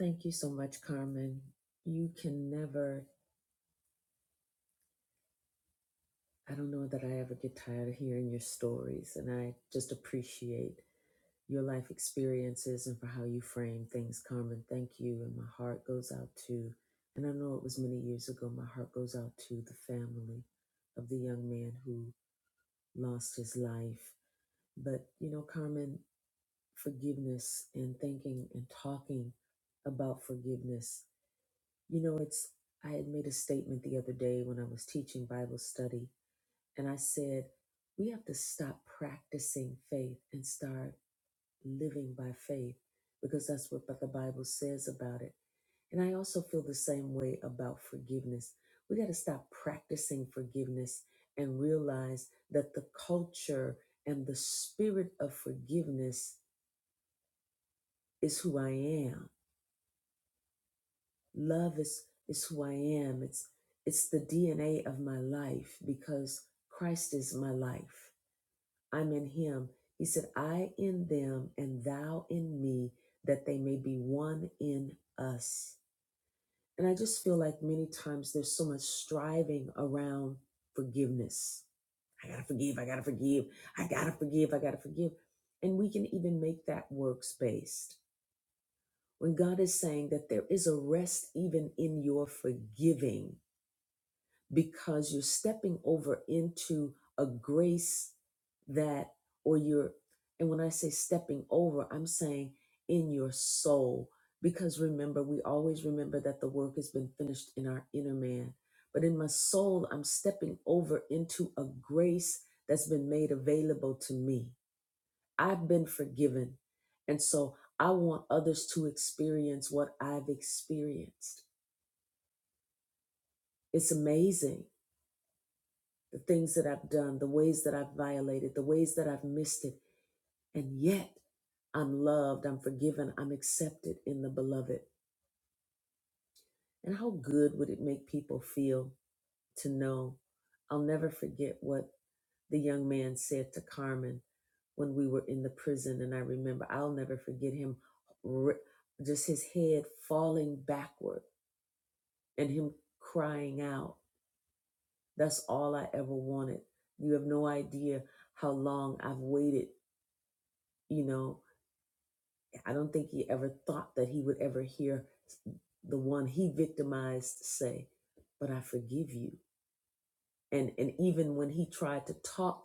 A: Thank you so much, Carmen. You can never, I don't know that I ever get tired of hearing your stories, and I just appreciate your life experiences and for how you frame things, Carmen. Thank you. And my heart goes out to, and I know it was many years ago, my heart goes out to the family of the young man who lost his life. But, you know, Carmen, forgiveness and thinking and talking about forgiveness, you know, it's, I had made a statement the other day when I was teaching Bible study, and I said, we have to stop practicing faith and start living by faith because that's what the Bible says about it. And I also feel the same way about forgiveness. We got to stop practicing forgiveness and realize that the culture and the spirit of forgiveness is who I am. Love is is who I am. It's it's the DNA of my life because Christ is my life. I'm in him. He said, I in them and thou in me, that they may be one in us. And I just feel like many times there's so much striving around forgiveness. I gotta forgive, I gotta forgive, I gotta forgive, I gotta forgive. And we can even make that works based. When God is saying that there is a rest even in your forgiving, because you're stepping over into a grace that, or you're, and when I say stepping over, I'm saying in your soul. Because remember, we always remember that the work has been finished in our inner man. But in my soul, I'm stepping over into a grace that's been made available to me. I've been forgiven. And so I want others to experience what I've experienced. It's amazing the things that I've done, the ways that I've violated, the ways that I've missed it. And yet I'm loved, I'm forgiven, I'm accepted in the beloved. And how good would it make people feel to know? I'll never forget what the young man said to Carmen when we were in the prison. And I remember, I'll never forget him r- just his head falling backward and him crying out, That's all I ever wanted. You have no idea how long I've waited You know, I don't think he ever thought that he would ever hear the one he victimized say, But I forgive you. And, and even when he tried to talk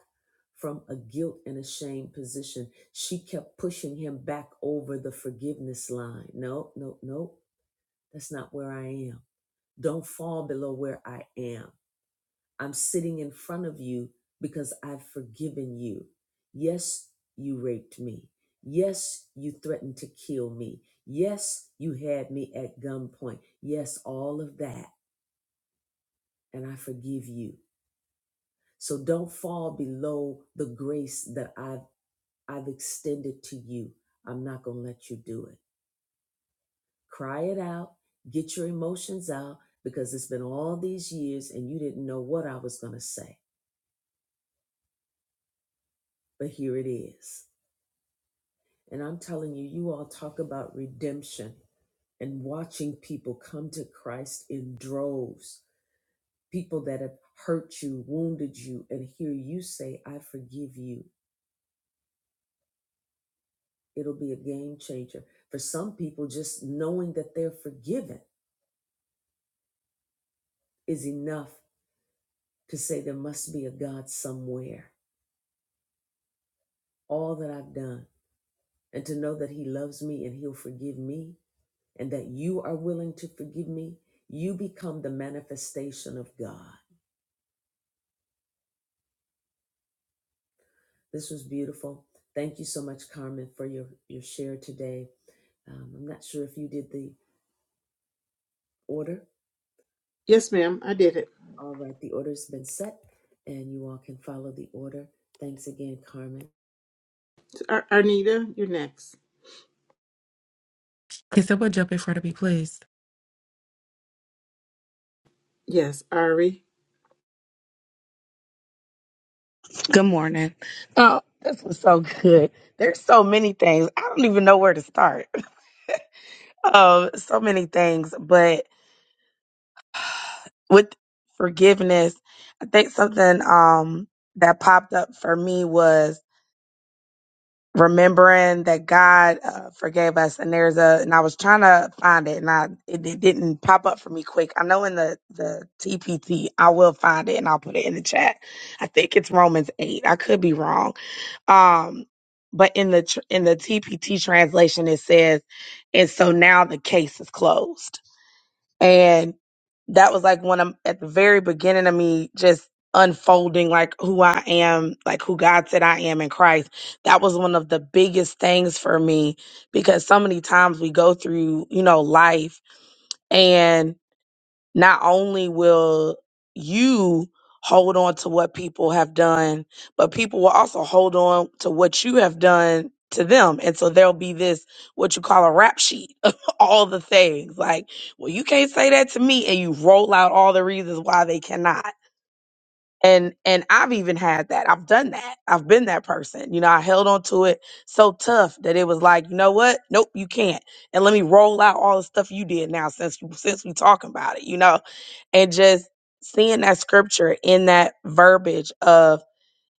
A: from a guilt and a shame position, she kept pushing him back over the forgiveness line. No, no, no, that's not where I am. Don't fall below where I am. I'm sitting in front of you because I've forgiven you. Yes, you raped me. Yes, you threatened to kill me. Yes, you had me at gunpoint. Yes, all of that. And I forgive you. So don't fall below the grace that I've, I've extended to you. I'm not going to let you do it. Cry it out. Get your emotions out because it's been all these years and you didn't know what I was going to say. But here it is. And I'm telling you, you all talk about redemption and watching people come to Christ in droves, people that have hurt you, wounded you, and hear you say, I forgive you. It'll be a game changer. For some people, just knowing that they're forgiven is enough to say there must be a God somewhere. All that I've done, and to know that He loves me and He'll forgive me, and that you are willing to forgive me, you become the manifestation of God This was beautiful. Thank you so much, Carmen, for your, your share today. Um, I'm not sure if you did the order.
C: Yes, ma'am, I did it.
A: All right, the order's been set, and you all can follow the order. Thanks again, Carmen.
C: Ar- Arnita, you're next.
D: Can someone jump in front of me, please?
C: Yes, Ari.
E: Good morning. Oh, this was so good. There's so many things. I don't even know where to start. Um, so many things, but with forgiveness, I think something um that popped up for me was remembering that God uh, forgave us. And there's a, and I was trying to find it, and I it, it didn't pop up for me quick. I know in the the TPT, I will find it, and I'll put it in the chat. I think it's Romans eight. I could be wrong Um, but in the tr- in the TPT translation, it says, "And so now the case is closed." And that was like when I'm at the very beginning of me just unfolding like who I am, like who God said I am in Christ. That was one of the biggest things for me because so many times we go through, you know, life not only will you hold on to what people have done, but people will also hold on to what you have done to them. And so there'll be this, what you call a rap sheet of all the things. Like, well, you can't say that to me. And you roll out all the reasons why they cannot and and i've even had that i've done that i've been that person you know i held on to it so tough that it was like you know what nope you can't and let me roll out all the stuff you did now since you since we talking about it you know and just seeing that scripture in that verbiage of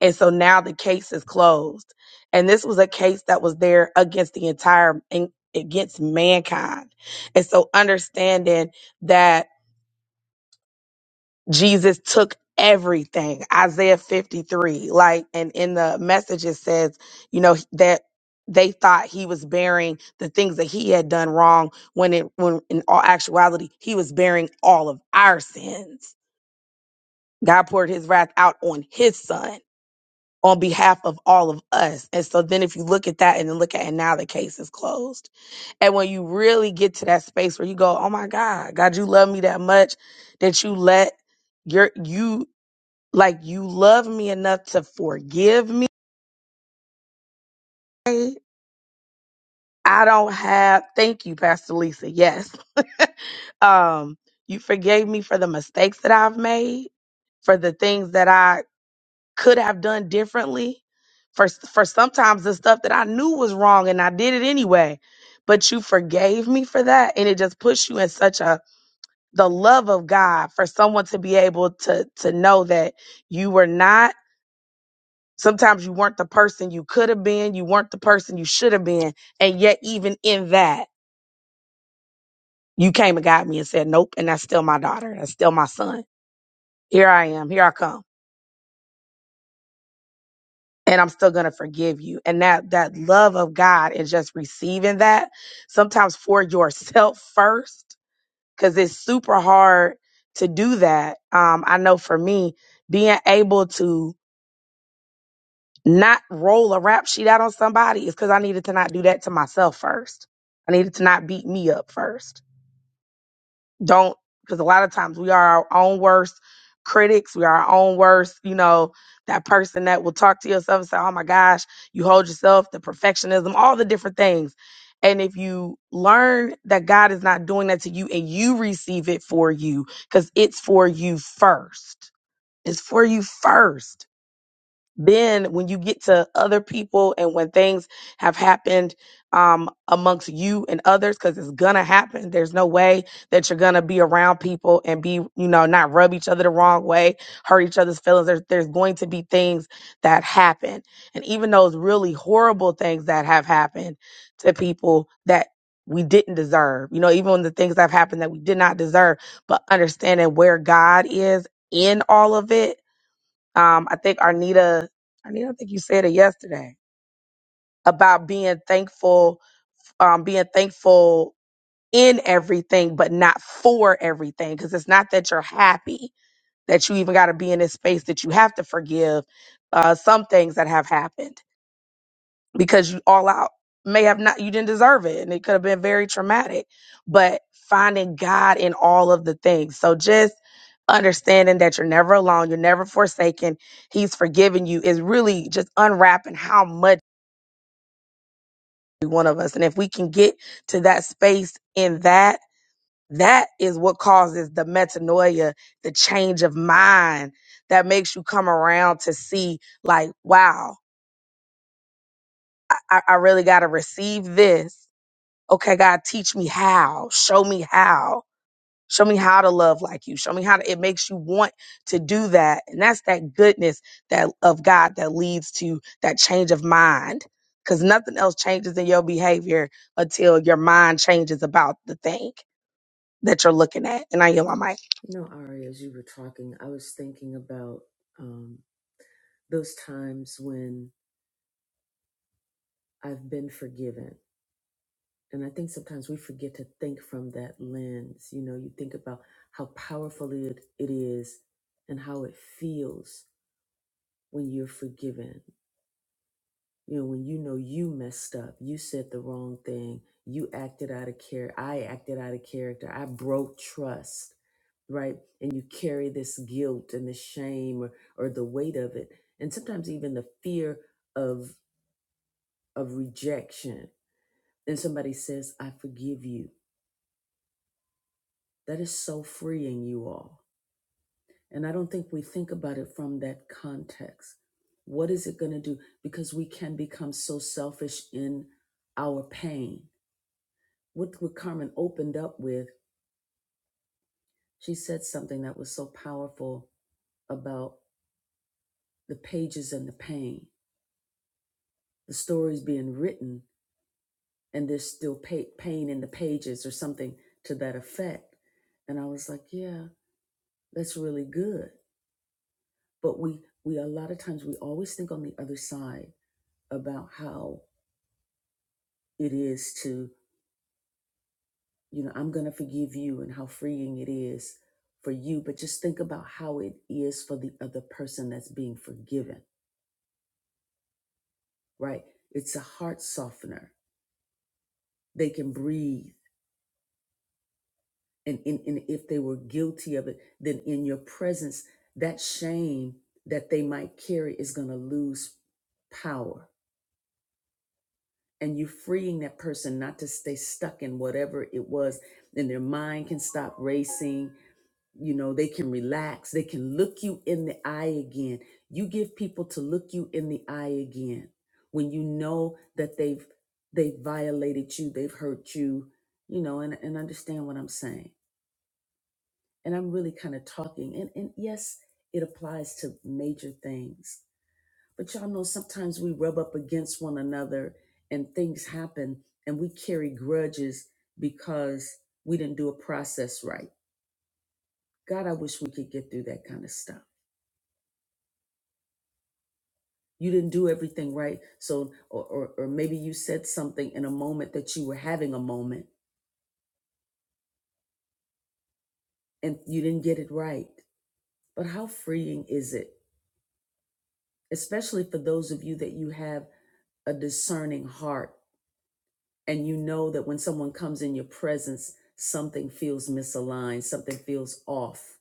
E: and so now the case is closed and this was a case that was there against the entire and against mankind and so understanding that Jesus took everything. Isaiah 53. Like, and in the message, it says, you know, that they thought he was bearing the things that he had done wrong when it, when in all actuality, he was bearing all of our sins. God poured his wrath out on his son on behalf of all of us. And so then if you look at that and then look at, and now the case is closed. And when you really get to that space where you go, Oh my God, God, you love me that much that you let your you like you love me enough to forgive me. I don't have thank you, Pastor Lisa. Yes. um, you forgave me for the mistakes that I've made, for the things that I could have done differently, for for sometimes the stuff that I knew was wrong and I did it anyway. But you forgave me for that, and it just puts you in such a the love of God for someone to be able to to know that you were not Sometimes you weren't the person you could have been, you weren't the person you should have been, and yet even in that, you came and got me and said, "Nope," and that's still my daughter, that's still my son. Here I am, here I come, and I'm still gonna forgive you. And that that love of God is just receiving that sometimes for yourself first, because it's super hard to do that. Um, I know for me, being able to not roll a rap sheet out on somebody is because I needed to not do that to myself first. I needed to not beat me up first. Don't, because a lot of times we are our own worst critics. We are our own worst, you know, that person that will talk to yourself and say, oh my gosh, you hold yourself, the perfectionism, all the different things. And if you learn that God is not doing that to you and you receive it for you, because it's for you first, it's for you first then when you get to other people and when things have happened um, amongst you and others because it's gonna happen there's no way that you're gonna be around people and be you know not rub each other the wrong way hurt each other's feelings there's, there's going to be things that happen and even those really horrible things that have happened to people that we didn't deserve you know even the things that have happened that we did not deserve but understanding where god is in all of it um, I think Arnita, Arnita, I think you said it yesterday about being thankful, um, being thankful in everything, but not for everything. Cause it's not that you're happy that you even got to be in this space that you have to forgive, uh, some things that have happened because you all out may have not you didn't deserve it and it could have been very traumatic but finding god in all of the things so just understanding that you're never alone you're never forsaken he's forgiven you is really just unwrapping how much every one of us and if we can get to that space in that that is what causes the metanoia the change of mind that makes you come around to see like wow i, I I really got to receive this okay, God, teach me how, show me how, show me how to love like you, show me how to, it makes you want to do that. And that's that goodness that of God that leads to that change of mind. Cause nothing else changes in your behavior until your mind changes about the thing that you're looking at. And I yield my mic.
A: You know, Ari, as you were talking, I was thinking about um, those times when I've been forgiven. And I think sometimes we forget to think from that lens. You know, you think about how powerful it, it is and how it feels when you're forgiven You know, when you know you messed up, you said the wrong thing, you acted out of care, I acted out of character, I broke trust, right? And you carry this guilt and the shame or, or the weight of it, and sometimes even the fear of of rejection. And somebody says, I forgive you. That is so freeing, you all. And I don't think we think about it from that context. What is it going to do? Because we can become so selfish in our pain what, what Carmen opened up with, she said something that was so powerful about the pages and the pain, the stories being written, and there's still pa- pain in the pages or something to that effect. And I was like, yeah, that's really good. But we, we a lot of times we always think on the other side about how it is to, you know, I'm going to forgive you and how freeing it is for you. But just think about how it is for the other person that's being forgiven right? It's a heart softener. They can breathe. And, and, and if they were guilty of it, then in your presence, that shame that they might carry is going to lose power. And you freeing that person not to stay stuck in whatever it was, then their mind can stop racing. you know they can relax they can look you in the eye again you give people to look you in the eye again when you know that they've they've violated you they've hurt you you know and, and understand what i'm saying and i'm really kind of talking and and yes it applies to major things but y'all know sometimes we rub up against one another and things happen and we carry grudges because we didn't do a process right god i wish we could get through that kind of stuff you didn't do everything right so or, or or maybe you said something in a moment that you were having a moment and you didn't get it right but how freeing is it especially for those of you that you have a discerning heart and you know that when someone comes in your presence something feels misaligned something feels off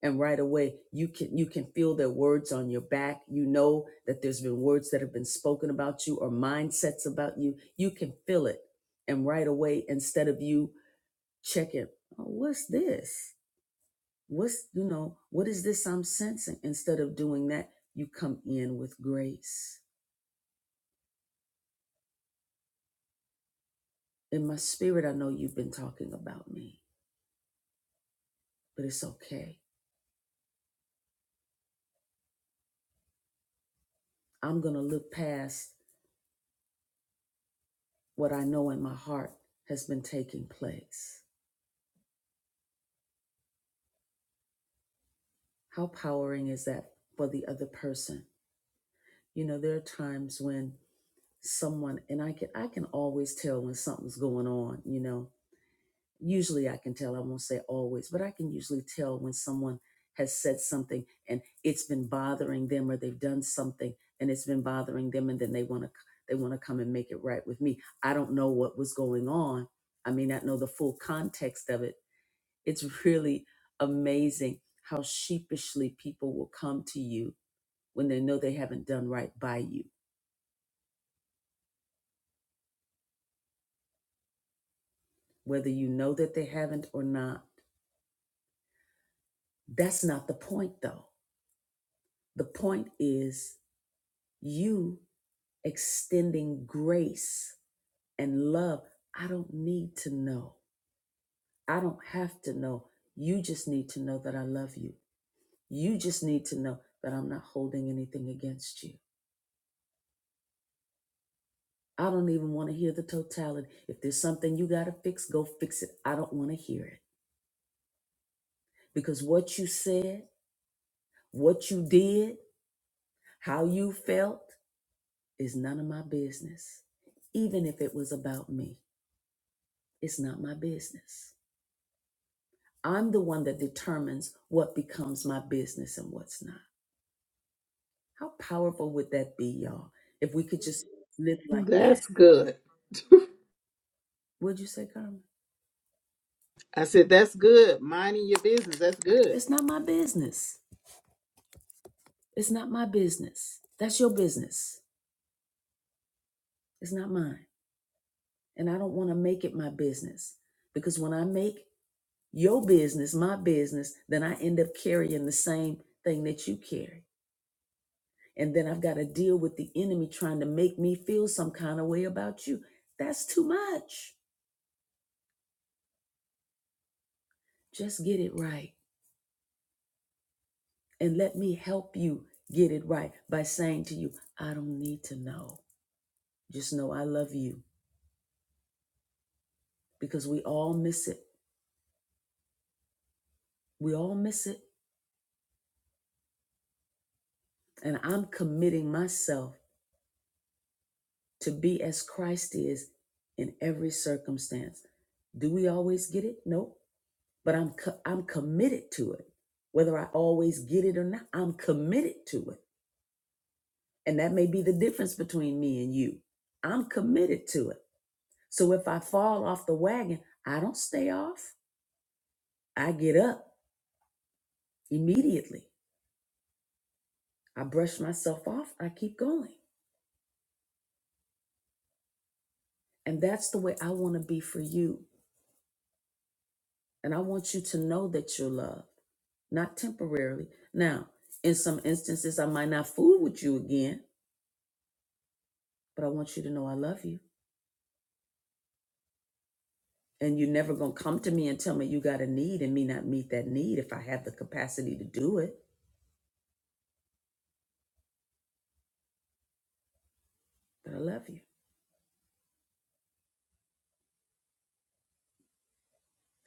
A: and right away you can you can feel their words on your back you know that there's been words that have been spoken about you or mindsets about you you can feel it and right away instead of you check it. Oh, what's this? What's, you know, what is this I'm sensing? Instead of doing that, you come in with grace. In my spirit, I know you've been talking about me, but it's okay. I'm going to look past what I know in my heart has been taking place. How powering is that for the other person? You know, there are times when someone and I can I can always tell when something's going on, you know usually I can tell, I won't say always, but I can usually tell when someone has said something and it's been bothering them or they've done something and it's been bothering them and then they want to they want to come and make it right with me. I don't know what was going on. I may not know the full context of it. It's really amazing how sheepishly people will come to you when they know they haven't done right by you, whether you know that they haven't or not. That's not the point though. The point is you extending grace and love. I don't need to know. I don't have to know. You just need to know that I love you. You just need to know that I'm not holding anything against you. I don't even want to hear the totality. If there's something you got to fix, go fix it. I don't want to hear it because what you said, what you did, how you felt is none of my business. Even if it was about me, it's not my business. I'm the one that determines what becomes my business and what's not. How powerful would that be, y'all? If we could just live like
C: That's
A: that.
C: good.
A: Would you say, Carmen?
C: I said, that's good. Minding your business. That's good.
A: It's not my business. It's not my business. That's your business. It's not mine. And I don't want to make it my business because when I make your business my business, then I end up carrying the same thing that you carry. And then I've got to deal with the enemy trying to make me feel some kind of way about you. That's too much. Just get it right. And let me help you get it right by saying to you, I don't need to know. Just know I love you because we all miss it. We all miss it. And I'm committing myself to be as Christ is in every circumstance. Do we always get it? Nope. But I'm co- I'm committed to it. Whether I always get it or not, I'm committed to it. And that may be the difference between me and you. I'm committed to it. So if I fall off the wagon, I don't stay off. I get up immediately. I brush myself off. I keep going. And that's the way I want to be for you. And I want you to know that you're loved, not temporarily. Now, in some instances, I might not fool with you again, but I want you to know I love you. And you're never going to come to me and tell me you got a need and me not meet that need if I have the capacity to do it. But I love you.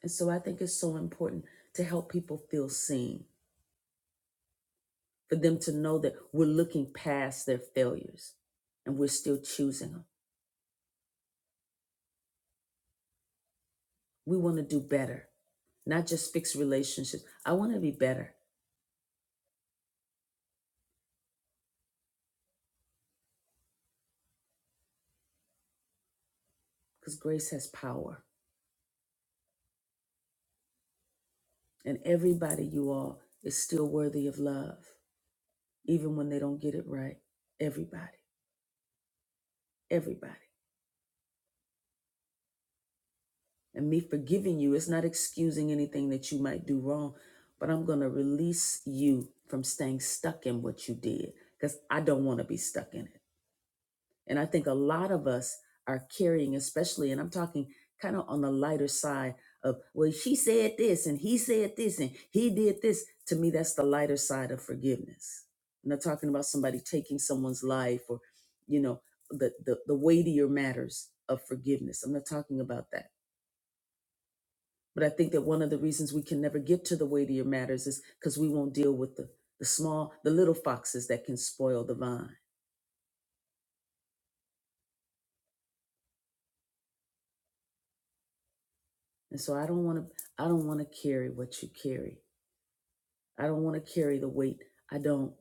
A: And so I think it's so important to help people feel seen for them to know that we're looking past their failures and we're still choosing them. We want to do better, not just fix relationships. I want to be better because grace has power. And everybody, you all, is still worthy of love, even when they don't get it right. Everybody, everybody. And me forgiving you is not excusing anything that you might do wrong, but I'm going to release you from staying stuck in what you did because I don't want to be stuck in it. And I think a lot of us are carrying, especially, and I'm talking kind of on the lighter side of, well, she said this and he said this and he did this. To me, that's the lighter side of forgiveness. I'm not talking about somebody taking someone's life or, you know, the, the, the weightier matters of forgiveness. I'm not talking about that. But I think that one of the reasons we can never get to the weightier matters is because we won't deal with the, the small, the little foxes that can spoil the vine. And so I don't want to, I don't want to carry what you carry. I don't want to carry the weight. I don't.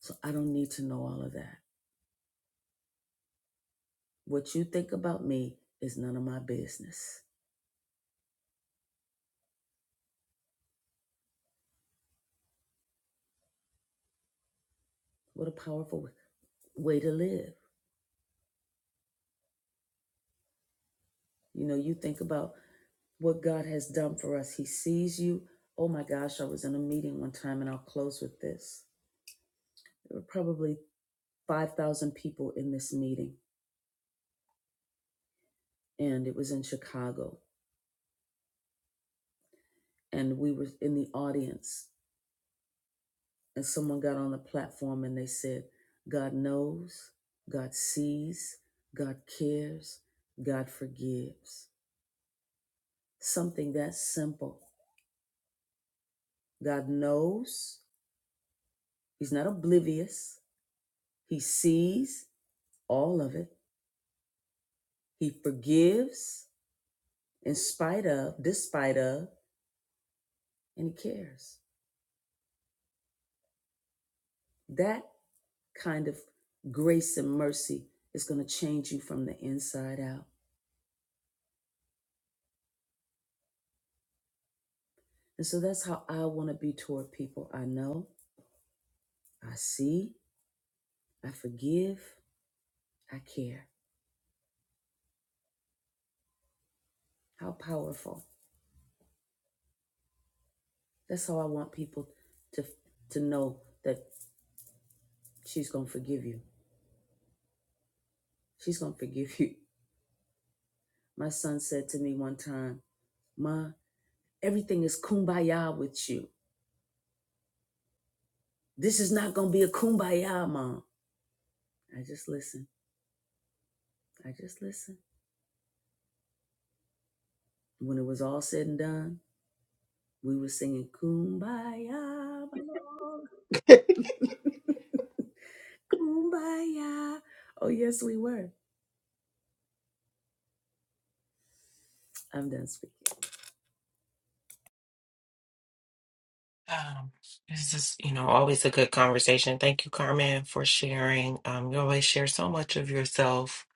A: So I don't need to know all of that. What you think about me is none of my business. What a powerful way to live. You know, you think about what God has done for us. He sees you. Oh my gosh, I was in a meeting one time, and I'll close with this. There were probably 5,000 people in this meeting, and it was in Chicago. And we were in the audience and someone got on the platform and they said, God knows, God sees, God cares, God forgives. Something that simple. God knows, He's not oblivious, He sees all of it, He forgives in spite of, despite of, and He cares. That kind of grace and mercy is going to change you from the inside out. And so that's how I want to be toward people I know, I see, I forgive, I care. How powerful. That's how I want people to to know that she's going to forgive you. She's going to forgive you. My son said to me one time, "Ma, everything is kumbaya with you. This is not going to be a kumbaya, mom." I just listened. I just listened. When it was all said and done, we were singing kumbaya, mom. kumbaya. Oh, yes, we were. I'm done speaking.
D: Um, this is, you know, always a good conversation. Thank you, Carmen, for sharing. Um, you always share so much of yourself.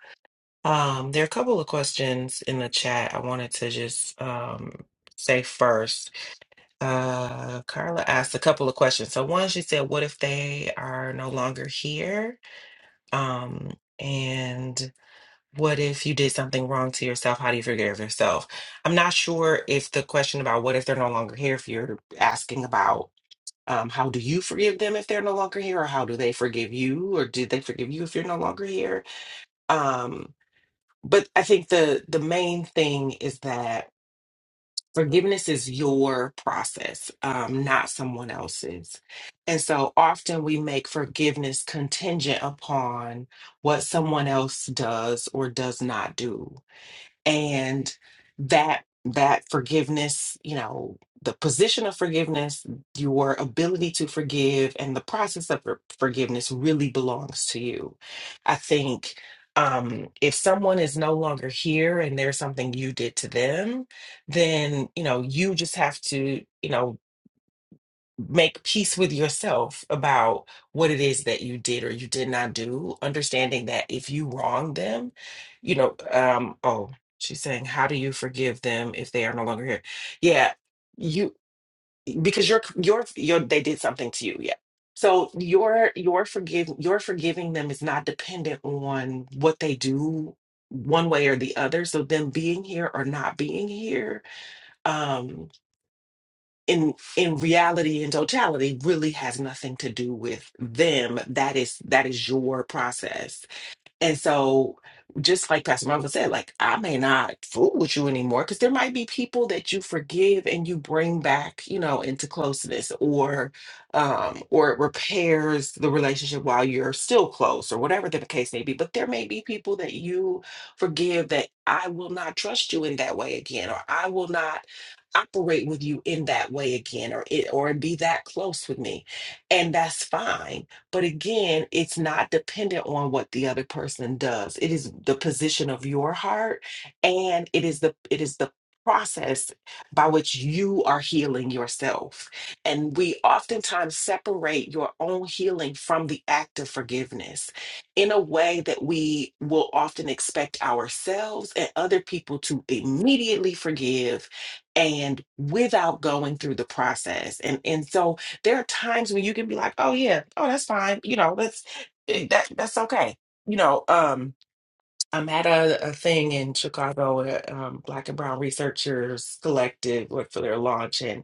D: Um, there are a couple of questions in the chat I wanted to just um, say first. Uh, Carla asked a couple of questions. So one, she said, "What if they are no longer here?" Um, and what if you did something wrong to yourself? How do you forgive yourself? I'm not sure if the question about what if they're no longer here, if you're asking about um, how do you forgive them if they're no longer here, or how do they forgive you, or did they forgive you if you're no longer here? Um, but I think the the main thing is that forgiveness is your process, um, not someone else's. And so often we make forgiveness contingent upon what someone else does or does not do and that that forgiveness you know the position of forgiveness your ability to forgive and the process of for- forgiveness really belongs to you i think um if someone is no longer here and there's something you did to them then you know you just have to you know make peace with yourself about what it is that you did or you did not do, understanding that if you wronged them, you know, um, oh, she's saying, how do you forgive them if they are no longer here? Yeah, you because you're you're you're they did something to you, yeah. So your your forgive your forgiving them is not dependent on what they do one way or the other. So them being here or not being here um, in in reality in totality really has nothing to do with them that is that is your process and so, just like Pastor Marvel said, like I may not fool with you anymore because there might be people that you forgive and you bring back, you know, into closeness, or um, or it repairs the relationship while you're still close, or whatever the case may be. But there may be people that you forgive that I will not trust you in that way again, or I will not operate with you in that way again, or it or be that close with me, and that's fine but again, it's not dependent on what the other person does. It is the position of your heart and it is the it is the process by which you are healing yourself. And we oftentimes separate your own healing from the act of forgiveness in a way that we will often expect ourselves and other people to immediately forgive and without going through the process. And and so there are times when you can be like, oh yeah, oh that's fine. You know, Let's that that's okay. You know, um, I'm at a, a thing in Chicago, a um, Black and Brown Researchers Collective, like for their launch. And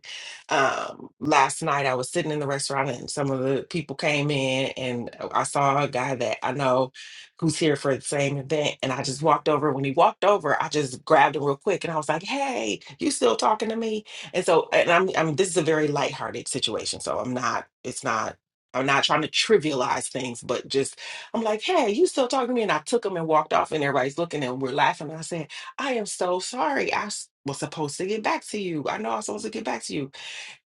D: um, last night I was sitting in the restaurant and some of the people came in and I saw a guy that I know who's here for the same event. And I just walked over. When he walked over, I just grabbed him real quick and I was like, hey, you still talking to me? And so, and I'm, I'm this is a very lighthearted situation. So I'm not, it's not, I'm not trying to trivialize things, but just I'm like, hey, you still talking to me? And I took him and walked off, and everybody's looking and we're laughing. I said, I am so sorry. I s- was supposed to get back to you. I know I was supposed to get back to you.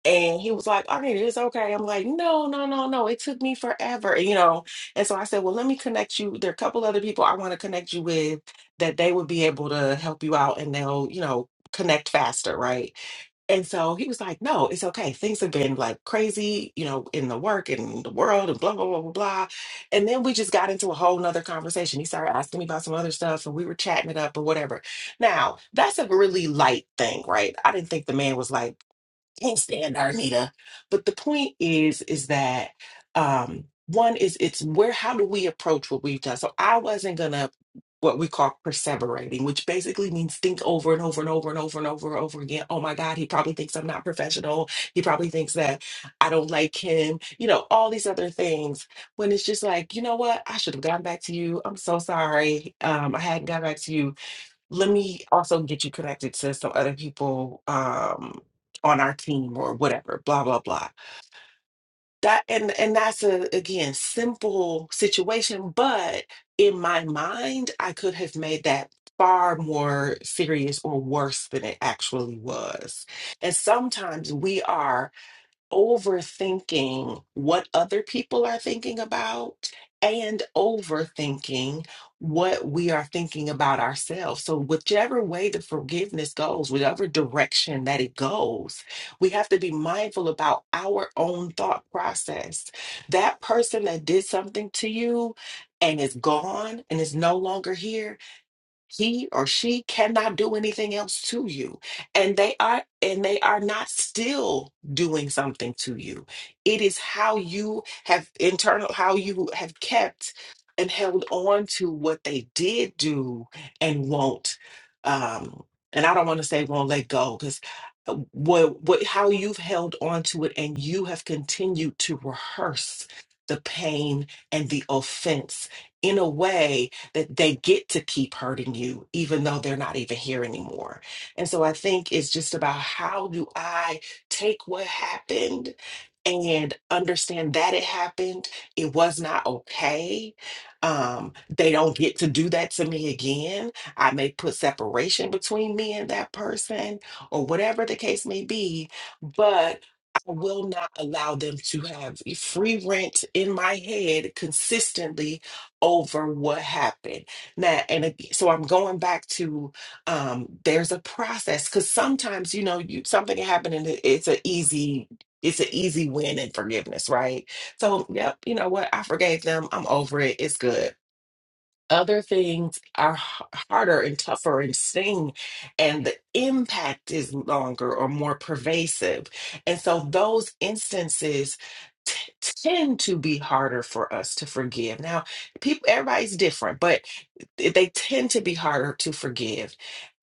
D: And he was like, Arnita, it's okay. I'm like, no, no, no, no. It took me forever, you know. And so I said, well, let me connect you. There are a couple other people I want to connect you with that they would be able to help you out and they'll, you know, connect faster, right? And so he was like, no, it's okay. Things have been like crazy, you know, in the work and the world and blah, blah, blah, blah, blah. And then we just got into a whole nother conversation. He started asking me about some other stuff and we were chatting it up or whatever. Now, that's a really light thing, right? I didn't think the man was like can't stand her, Anita. But the point is, is that um, one is it's where how do we approach what we've done? So I wasn't gonna what we call perseverating, which basically means think over and over and over and over and over and over again. Oh my God, he probably thinks I'm not professional. He probably thinks that I don't like him, you know, all these other things. When it's just like, you know what, I should have gotten back to you. I'm so sorry. Um, I hadn't gotten back to you let me also get you connected to some other people um on our team or whatever blah blah blah that and and that's a again simple situation but in my mind i could have made that far more serious or worse than it actually was and sometimes we are overthinking what other people are thinking about and overthinking what we are thinking about ourselves. So, whichever way the forgiveness goes, whatever direction that it goes, we have to be mindful about our own thought process. That person that did something to you and is gone and is no longer here he or she cannot do anything else to you and they are and they are not still doing something to you it is how you have internal how you have kept and held on to what they did do and won't um and i don't want to say won't let go because what what how you've held on to it and you have continued to rehearse the pain and the offense in a way that they get to keep hurting you, even though they're not even here anymore. And so I think it's just about how do I take what happened and understand that it happened. It was not okay. Um, they don't get to do that to me again. I may put separation between me and that person, or whatever the case may be, but I will not allow them to have a free rent in my head consistently over what happened. Now, and ag- so I'm going back to um, there's a process because sometimes you know you something happened and it- it's an easy it's an easy win in forgiveness, right? So, yep, you know what? I forgave them. I'm over it. It's good other things are h- harder and tougher and sting, and the impact is longer or more pervasive. And so those instances t- tend to be harder for us to forgive. Now, people, everybody's different, but they tend to be harder to forgive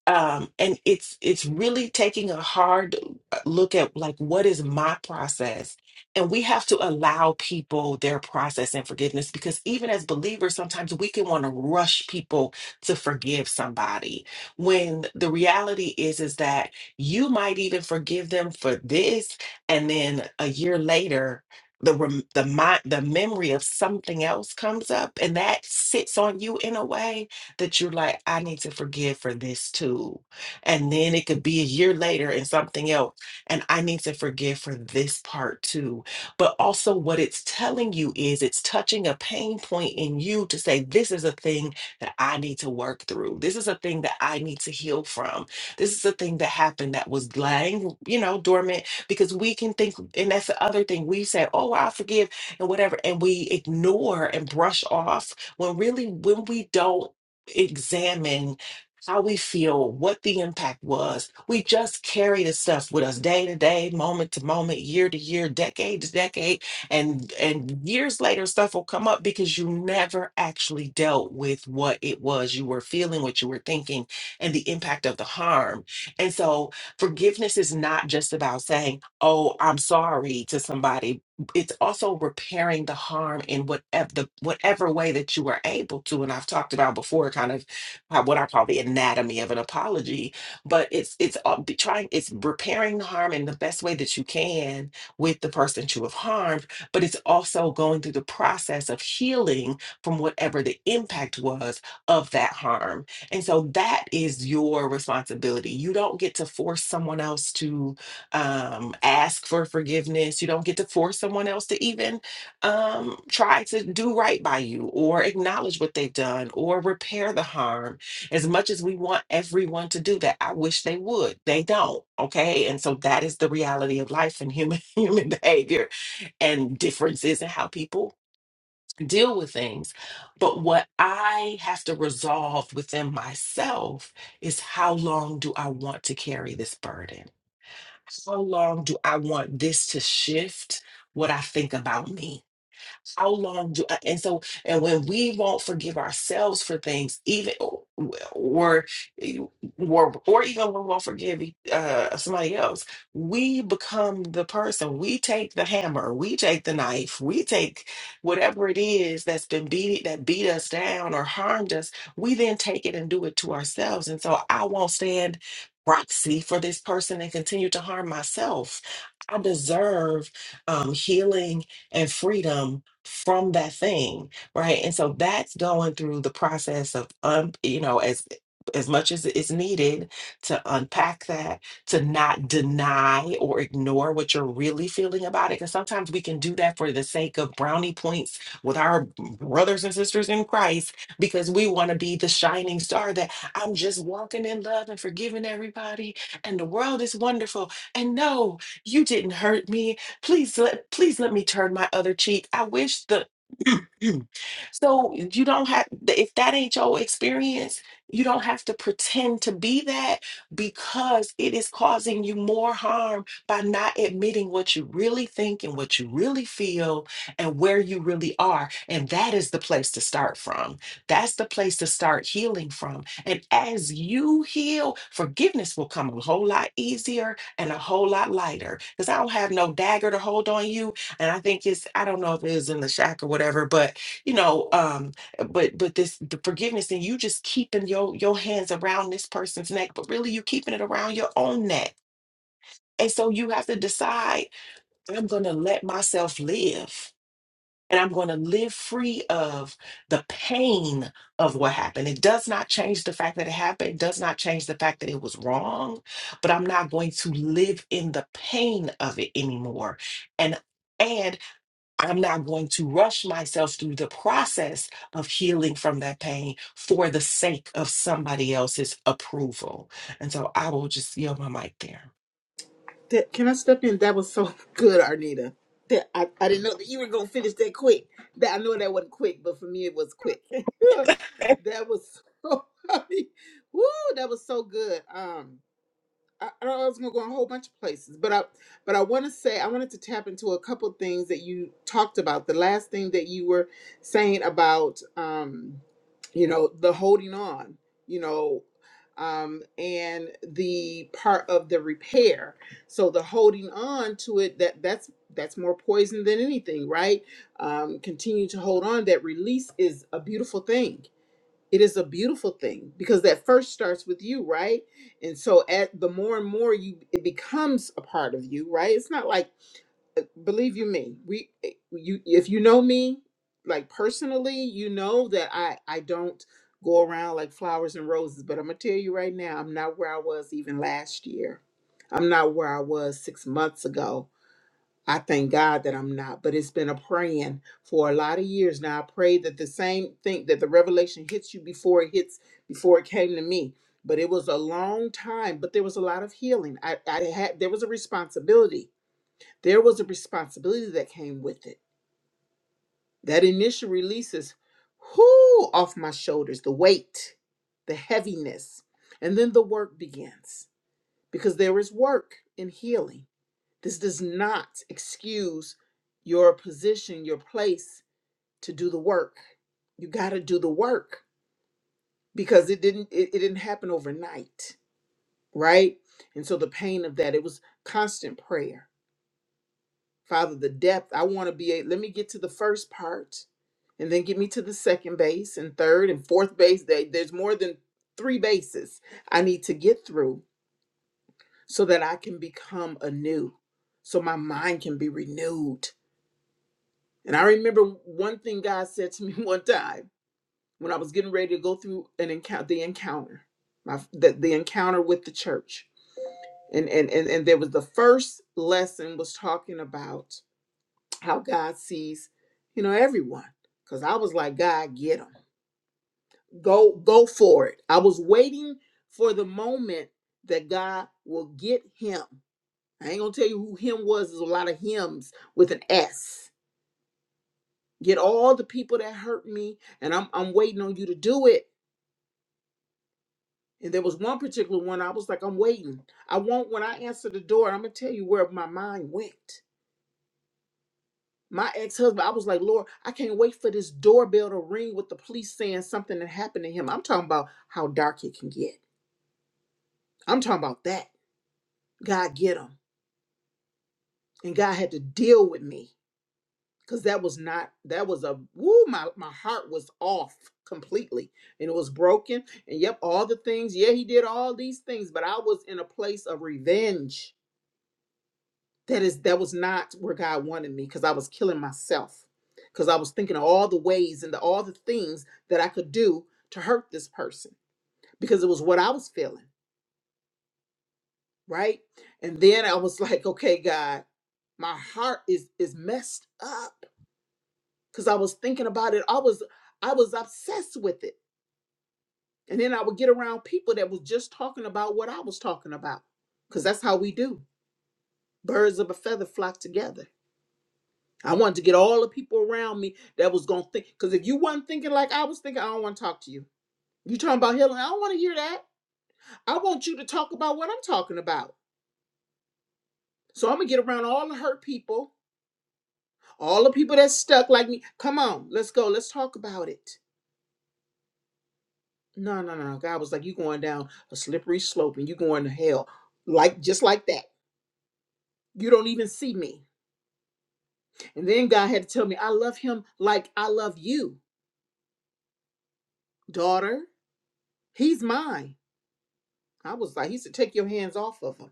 D: um and it's it's really taking a hard uh, look at like what is my process and we have to allow people their process and forgiveness because even as believers sometimes we can want to rush people to forgive somebody when the reality is is that you might even forgive them for this and then a year later the rem- the mind the memory of something else comes up and that sits on you in a way that you're like, I need to forgive for this too. And then it could be a year later and something else. And I need to forgive for this part too. But also, what it's telling you is it's touching a pain point in you to say, this is a thing that I need to work through. This is a thing that I need to heal from. This is a thing that happened that was lying, you know, dormant because we can think, and that's the other thing we say, oh, I forgive and whatever. And we ignore and brush off when really, when we don't examine how we feel, what the impact was. We just carry this stuff with us day to day, moment to moment, year to year, decade to decade, and and years later stuff will come up because you never actually dealt with what it was you were feeling, what you were thinking, and the impact of the harm. And so forgiveness is not just about saying, "Oh, I'm sorry" to somebody it's also repairing the harm in whatever the whatever way that you are able to and i've talked about before kind of how- what i call the anatomy of an apology but it's it's uh, be- trying it's repairing the harm in the best way that you can with the person that you have harmed but it's also going through the process of healing from whatever the impact was of that harm and so that is your responsibility you don't get to force someone else to um, ask for forgiveness. You don't get to force someone else to even um, try to do right by you or acknowledge what they've done or repair the harm. As much as we want everyone to do that, I wish they would. They don't. Okay. And so that is the reality of life and human human behavior and differences in how people deal with things. But what I have to resolve within myself is how long do I want to carry this burden? How long do I want this to shift what I think about me? how long do I, and so and when we won't forgive ourselves for things even or eh, or or even when we won't forgive uh, somebody else we become the person we take the hammer we take the knife we take whatever it is that's been beat that beat us down or harmed us we then take it and do it to ourselves and so i won't stand proxy for this person and continue to harm myself i deserve um, healing and freedom from that thing right and so that's going through the process of um you know as as much as is needed to unpack that to not deny or ignore what you're really feeling about it because sometimes we can do that for the sake of brownie points with our brothers and sisters in christ because we want to be the shining star that i'm just walking in love and forgiving everybody and the world is wonderful and no you didn't hurt me Please let please let me turn my other cheek. I wish the so you don't have if that ain't your experience, you don't have to pretend to be that because it is causing you more harm by not admitting what you really think and what you really feel and where you really are. And that is the place to start from. That's the place to start healing from. And as you heal, forgiveness will come a whole lot easier and a whole lot lighter because I don't have no dagger to hold on you. And I think it's I don't know if it is in the shack or whatever, but you know, um, but but this the forgiveness and you just keeping your your hands around this person's neck, but really you keeping it around your own neck. And so you have to decide, I'm gonna let myself live and I'm going to live free of the pain of what happened. It does not change the fact that it happened, it does not change the fact that it was wrong, but I'm not going to live in the pain of it anymore. And and I'm not going to rush myself through the process of healing from that pain for the sake of somebody else's approval. And so I will just yield my mic there.
C: That, can I step in? That was so good, Arnita. That I, I didn't know that you were going to finish that quick. That I know that wasn't quick, but for me, it was quick. that was so, Woo, that was so good. Um, I, I was gonna go in a whole bunch of places, but I but I want to say I wanted to tap into a couple things that you talked about. The last thing that you were saying about, um, you know, the holding on, you know, um, and the part of the repair. So the holding on to it that that's that's more poison than anything, right? Um, continue to hold on. That release is a beautiful thing it is a beautiful thing because that first starts with you right and so at the more and more you it becomes a part of you right it's not like uh, believe you me we eh, you if you know me like personally you know that i i don't go around like flowers and roses but i'm gonna tell you right now i'm not where i was even last year i'm not where i was six months ago I thank God that I'm not, but it's been a praying for a lot of years now. I pray that the same thing that the revelation hits you before it hits before it came to me. But it was a long time, but there was a lot of healing. I, I had there was a responsibility. There was a responsibility that came with it. That initial release is whoo off my shoulders, the weight, the heaviness. And then the work begins because there is work in healing. This does not excuse your position, your place to do the work. You got to do the work because it didn't it, it didn't happen overnight, right? And so the pain of that, it was constant prayer. Father, the depth, I want to be a let me get to the first part and then get me to the second base and third and fourth base. There- There's more than three bases I need to get through so that I can become anew, so my mind can be renewed And I remember one thing God said to me one time when I was getting ready to go through an encounter, the encounter, my the, the encounter with the church. And, and and and there was the first lesson was talking about how God sees, you know, everyone. Cause I was like, God, get them. Go go for it. I was waiting for the moment that God will get him. I ain't gonna tell you who him was. There's a lot of hymns with an S get all the people that hurt me and I'm I'm waiting on you to do it. And there was one particular one I was like, I'm waiting. I won't when I answer the door, I'm gonna tell you where my mind went. My ex-husband, I was like, Lord, I can't wait for this doorbell to ring with the police saying something that happened to him. I'm talking about how dark it can get. I'm talking about that. God get him. And God had to deal with me. because that was not that was a woo my, my heart was off completely and it was broken and yep all the things yeah he did all these things but i was in a place of revenge that is that was not where god wanted me because i was killing myself because i was thinking of all the ways and the, all the things that i could do to hurt this person because it was what i was feeling right and then i was like okay god my heart is is messed up because I was thinking about it. I was I was obsessed with it. And then I would get around people that was just talking about what I was talking about. Cause that's how we do. Birds of a feather flock together. I wanted to get all the people around me that was gonna think. Cause if you wasn't thinking like I was thinking, I don't want to talk to you. You talking about healing? I don't want to hear that. I want you to talk about what I'm talking about. So I'm gonna get around all the hurt people, all the people that's stuck like me. Come on, let's go. Let's talk about it. No, no, no. no. God was like, you are going down a slippery slope and you are going to hell. Like just like that. You don't even see me. And then God had to tell me, I love him like I love you, daughter. He's mine. I was like, he said, take your hands off of him.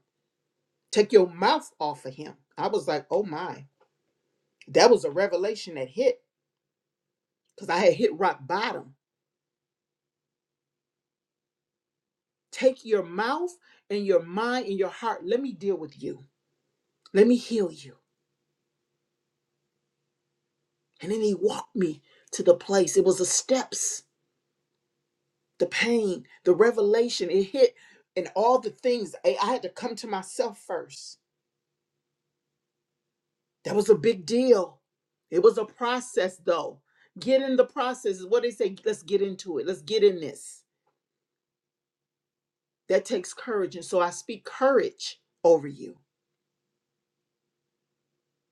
C: Take your mouth off of him. I was like, oh my. That was a revelation that hit because I had hit rock bottom. Take your mouth and your mind and your heart. Let me deal with you. Let me heal you. And then he walked me to the place. It was the steps. the pain, the revelation, it hit, and all the things. I, I had to come to myself first. That was a big deal. It was a process, though. Get in the process is what they say. Let's get into it. Let's get in this. That takes courage. And so I speak courage over you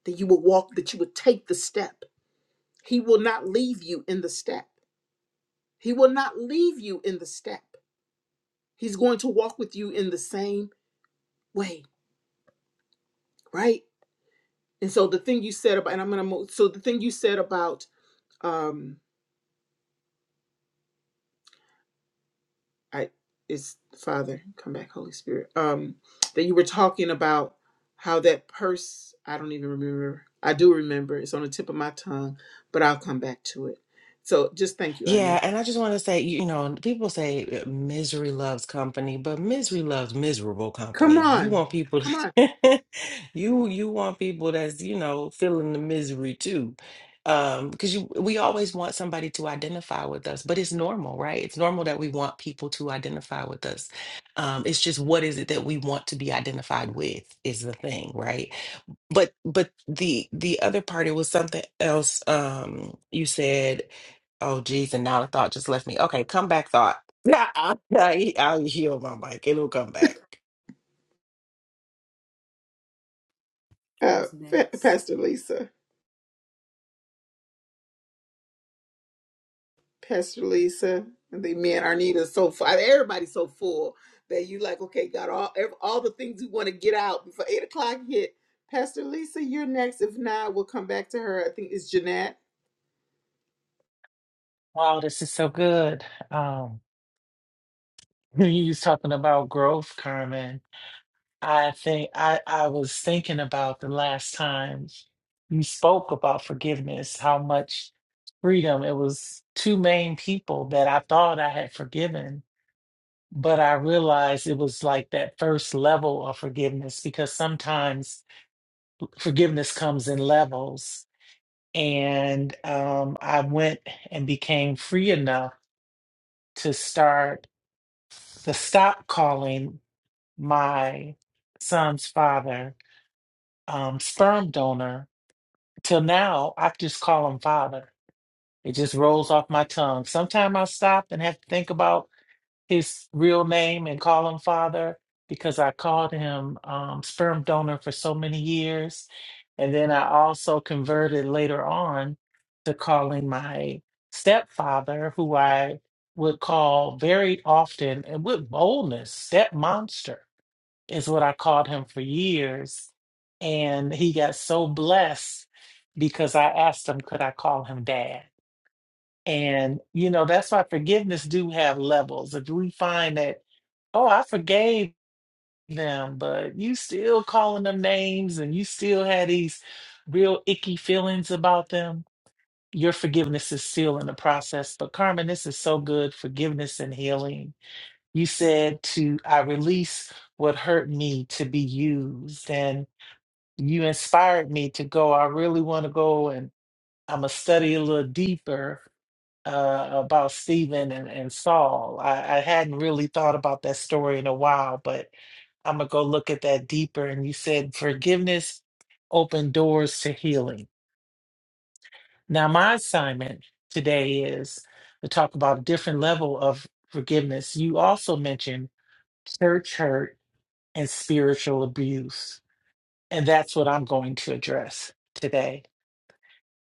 C: that you will walk, that you would take the step. He will not leave you in the step. He will not leave you in the step. He's going to walk with you in the same way, right? And so the thing you said about, and I'm going to move. So the thing you said about um i it's father come back holy spirit um that you were talking about how that purse i don't even remember i do remember it's on the tip of my tongue but i'll come back to it so just thank you
D: Yeah,
C: arnita
D: and I just want to say, you know, people say uh, misery loves company, but misery loves miserable
C: come
D: company. You
C: on
D: want people,
C: come on
D: you you want people that's, you know, feeling the misery too. Um, because you we always want somebody to identify with us, but it's normal, right? It's normal that we want people to identify with us. Um, it's just what is it that we want to be identified with is the thing, right? but but the the other part it was something else um you said oh geez and now the thought just left me okay come back thought yeah I, I, i'll heal my mic it'll come back
C: uh
A: Who's
C: Pa-
A: next?
C: pastor lisa pastor lisa and they me and arnita are so full everybody's so full that you like okay got all ev- all the things you want to get out before eight o'clock hit pastor lisa you're next if not we'll come back to her i think it's jeanette
F: Wow, this is so good. Um, when you was talking about growth, Carmen, I think I, I was thinking about the last time you spoke about forgiveness, how much freedom. It was two main people that I thought I had forgiven, but I realized it was like that first level of forgiveness because sometimes forgiveness comes in levels. And um, I went and became free enough to start. to stop calling my son's father um, sperm donor. Till now, I just call him father. It just rolls off my tongue. Sometimes I stop and have to think about his real name and call him father because I called him um, sperm donor for so many years. And then I also converted later on to calling my stepfather, who I would call very often and with boldness, step monster is what I called him for years. And he got so blessed because I asked him, could I call him dad? And, you know, that's why forgiveness do have levels. If we find that, oh, I forgave them, but you still calling them names and you still had these real icky feelings about them, your forgiveness is still in the process. But Carmen, this is so good, forgiveness and healing. You said to, I release what hurt me to be used. and." you inspired me to go. I really want to go and I'm gonna study a little deeper uh, about Stephen and, and Saul. I, I hadn't really thought about that story in a while, but I'm gonna go look at that deeper. And you said forgiveness opened doors to healing. Now my assignment today is to talk about a different level of forgiveness. You also mentioned church hurt and spiritual abuse, and that's what I'm going to address today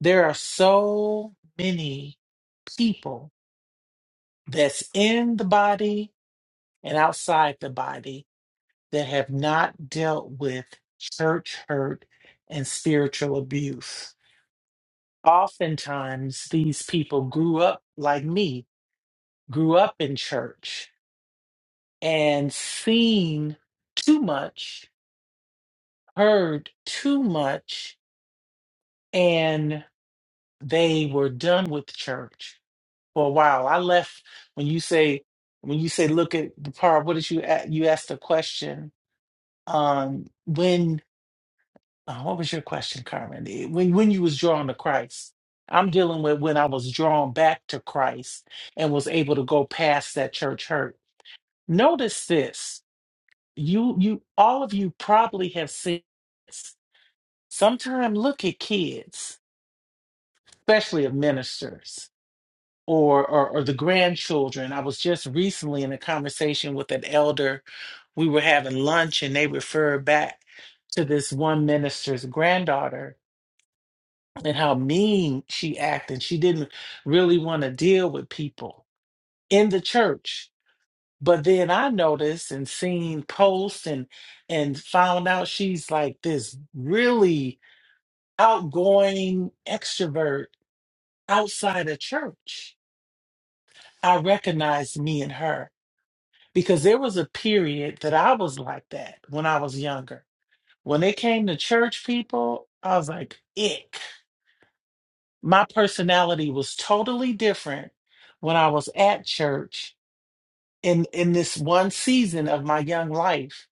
F: There are so many people that's in the body and outside the body that have not dealt with church hurt and spiritual abuse. Oftentimes, these people grew up like me, grew up in church and seen too much, heard too much, and they were done with church for a while. I left when you say when you say look at the part. What did you a- you asked a question? Um, when uh, what was your question, Carmen? Eh, When when you was drawn to Christ, I'm dealing with when I was drawn back to Christ and was able to go past that church hurt. Notice this. You you all of you probably have seen. This. Sometime look at kids, especially of ministers. or, or or the grandchildren. I was just recently in a conversation with an elder. We were having lunch and they referred back to this one minister's granddaughter and how mean she acted. She didn't really want to deal with people in the church. But then I noticed and seen posts and and found out she's like this really outgoing extrovert outside of church. I recognized me and her because there was a period that I was like that when I was younger. When it came to church people, I was like, ick. My personality was totally different when I was at church in, in this one season of my young life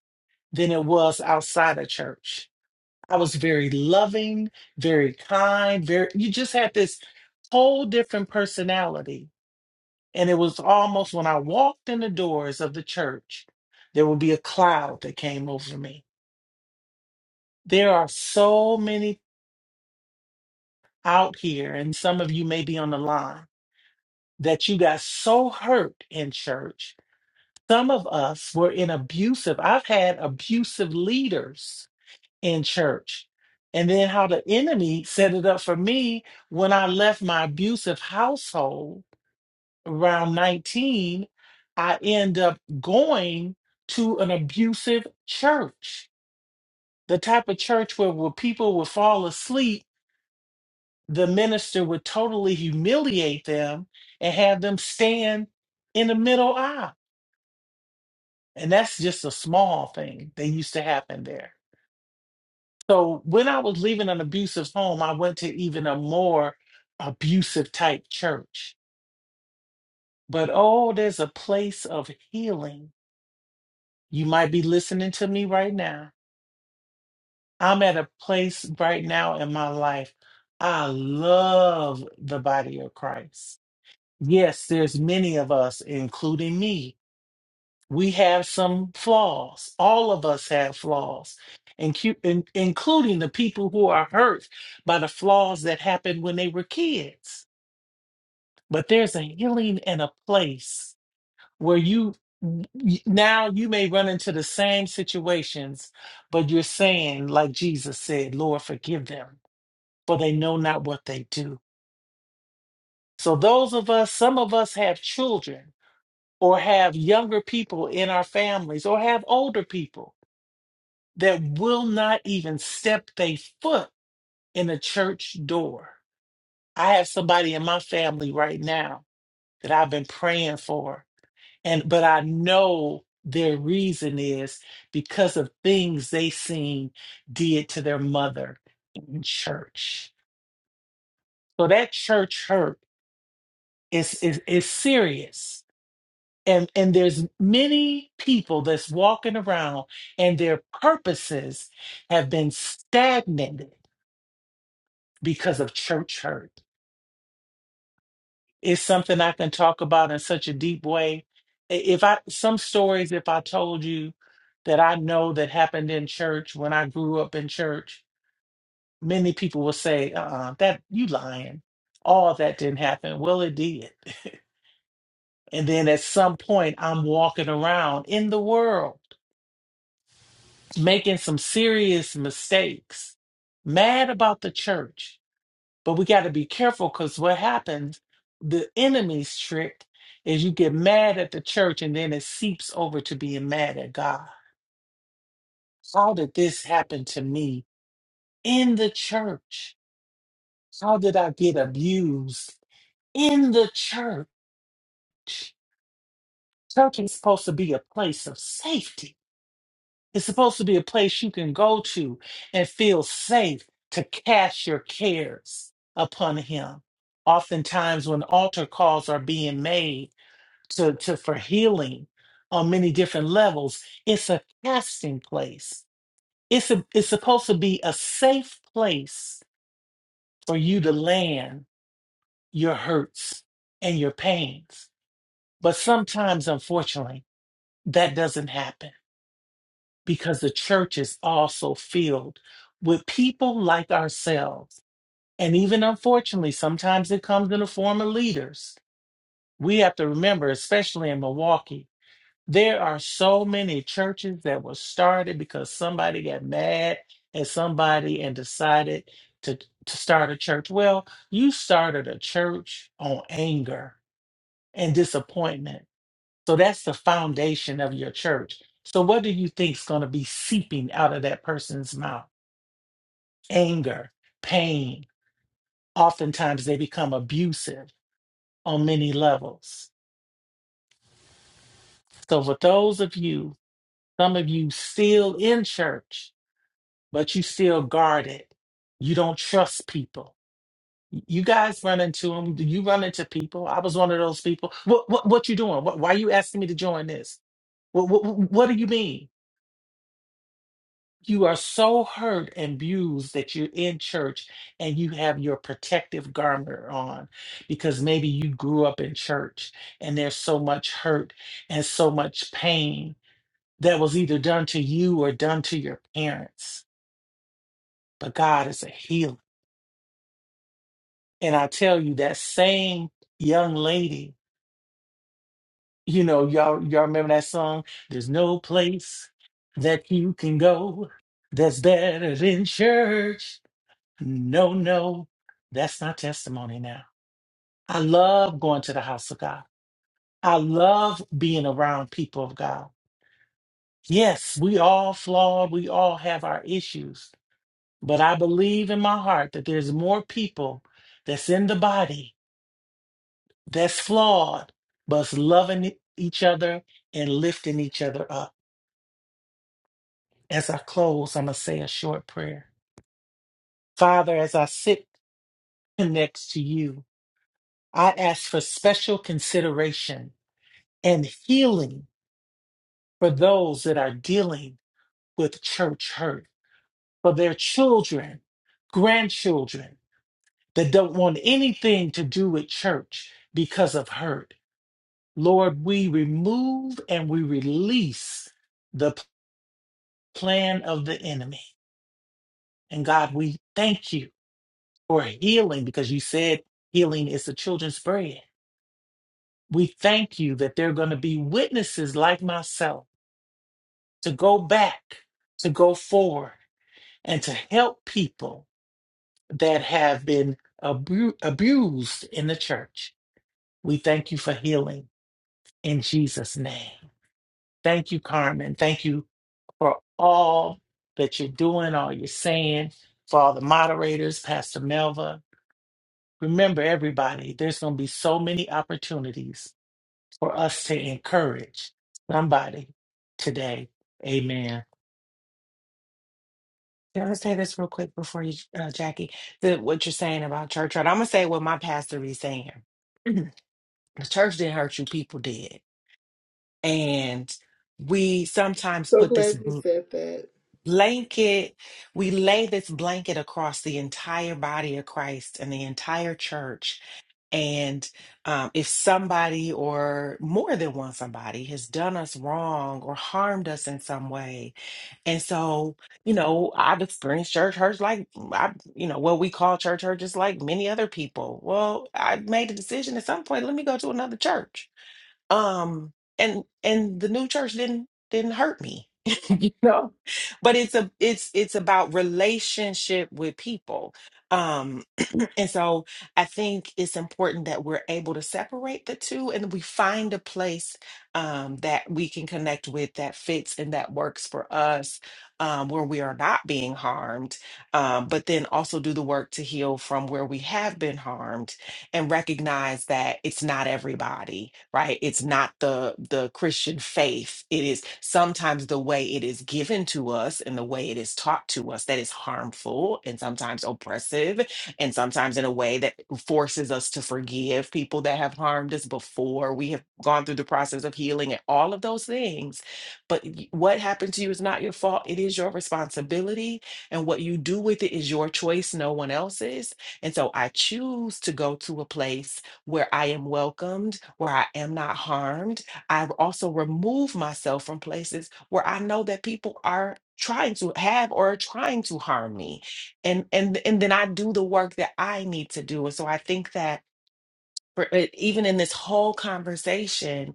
F: than it was outside of church. I was very loving, very kind, very, you just had this whole different personality. And it was almost when I walked in the doors of the church, there would be a cloud that came over me There are so many out here, and some of you may be on the line, that you got so hurt in church. Some of us were in abusive, I've had abusive leaders in church. And then how the enemy set it up for me when I left my abusive household around 19, I end up going to an abusive church, the type of church where, where people would fall asleep the minister would totally humiliate them and have them stand in the middle aisle. And that's just a small thing that used to happen there. So when I was leaving an abusive home, I went to even a more abusive type church. But oh, there's a place of healing. You might be listening to me right now. I'm at a place right now in my life. I love the body of Christ. Yes, there's many of us, including me, we have some flaws. All of us have flaws, incu- in- including the people who are hurt by the flaws that happened when they were kids. But there's a healing and a place where you y- now you may run into the same situations, but you're saying, like Jesus said, Lord, forgive them, for they know not what they do. So, those of us, some of us have children or have younger people in our families or have older people that will not even step their foot in a church door. I have somebody in my family right now that I've been praying for, and but I know their reason is because of things they seen did to their mother in church. So that church hurt is is, is serious. And, and there's many people that's walking around and their purposes have been stagnated because of church hurt. It's something I can talk about in such a deep way. I- If I some stories, if I told you that I know that happened in church when I grew up in church, many people will say, "Uh, that you lying. All that didn't happen." Well, it did. And then at some point, I'm walking around in the world making some serious mistakes, mad about the church. But we got to be careful because what happens, the enemy's trick is you get mad at the church and then it seeps over to being mad at God. How did this happen to me in the church? How did I get abused in the church? Church is supposed to be a place of safety. It's supposed to be a place you can go to and feel safe to cast your cares upon Him. Oftentimes, when altar calls are being made, to, to for healing on many different levels. It's a casting place. It's a, it's supposed to be a safe place for you to land your hurts and your pains. But sometimes, unfortunately, that doesn't happen because the church is also filled with people like ourselves. And even unfortunately, sometimes it comes in the form of leaders. We have to remember, especially in Milwaukee, There are so many churches that were started because somebody got mad at somebody and decided to, to start a church. Well, you started a church on anger and disappointment. So that's the foundation of your church. So what do you think is going to be seeping out of that person's mouth? Anger, pain. Oftentimes they become abusive on many levels. So for those of you, some of you still in church, but you still guarded. You don't trust people. You guys run into them. You run into people. I was one of those people. What what what you doing? What, why are you asking me to join this? What, what what do you mean? You are so hurt and abused that you're in church and you have your protective garment on because maybe you grew up in church and there's so much hurt and so much pain that was either done to you or done to your parents. But God is a healer. And I tell you, that same young lady, you know, y'all, y'all remember that song? There's no place that you can go that's better than church. No, no, that's not testimony now. I love going to the house of God. I love being around people of God. Yes, we all flawed. We all have our issues. But I believe in my heart that there's more people that's in the body that's flawed, but it's loving e- each other and lifting each other up. As I close, I'm going to say a short prayer. Father, as I sit next to you, I ask for special consideration and healing for those that are dealing with church hurt, for their children, grandchildren that don't want anything to do with church because of hurt. Lord, we remove and we release the. plan of the enemy. And God, we thank you for healing because you said healing is the children's bread. We thank you that there are going to be witnesses like myself to go back, to go forward, and to help people that have been abu- abused in the church. We thank you for healing in Jesus' name. Thank you, Carmen. Thank you for all that you're doing, all you're saying, for all the moderators, Pastor Melva, Remember, everybody, there's going to be so many opportunities for us to encourage somebody today. Amen.
D: can i say this real quick before you uh, jackie the what you're saying about church hurt i'm gonna say what my pastor be saying the church didn't hurt you people did and we sometimes
C: So
D: put this
C: glad you
D: bl-
C: said that.
D: blanket we lay this blanket across the entire body of christ and the entire church And um, if somebody or more than one somebody has done us wrong or harmed us in some way, and so, you know, I've experienced church hurts like, mm, I, you know, what we call church hurt just like many other people. Well, I made a decision at some point, let me go to another church. Um, and and the new church didn't didn't hurt me, you know. But it's a it's it's about relationship with people. Um, And so I think it's important that we're able to separate the two and we find a place um, that we can connect with that fits and that works for us, um, where we are not being harmed, um, but then also do the work to heal from where we have been harmed and recognize that it's not everybody, right? It's not the the Christian faith. It is sometimes the way it is given to us and the way it is taught to us that is harmful and sometimes oppressive and sometimes in a way that forces us to forgive people that have harmed us before we have gone through the process of healing and all of those things. But y- what happened to you is not your fault, it is your responsibility, and what you do with it is your choice, no one else's. And so I choose to go to a place where I am welcomed, where I am not harmed. I've also removed myself from places where I know that people are trying to have or are trying to harm me and and and then I do the work that I need to do. And so I think that for uh, even in this whole conversation,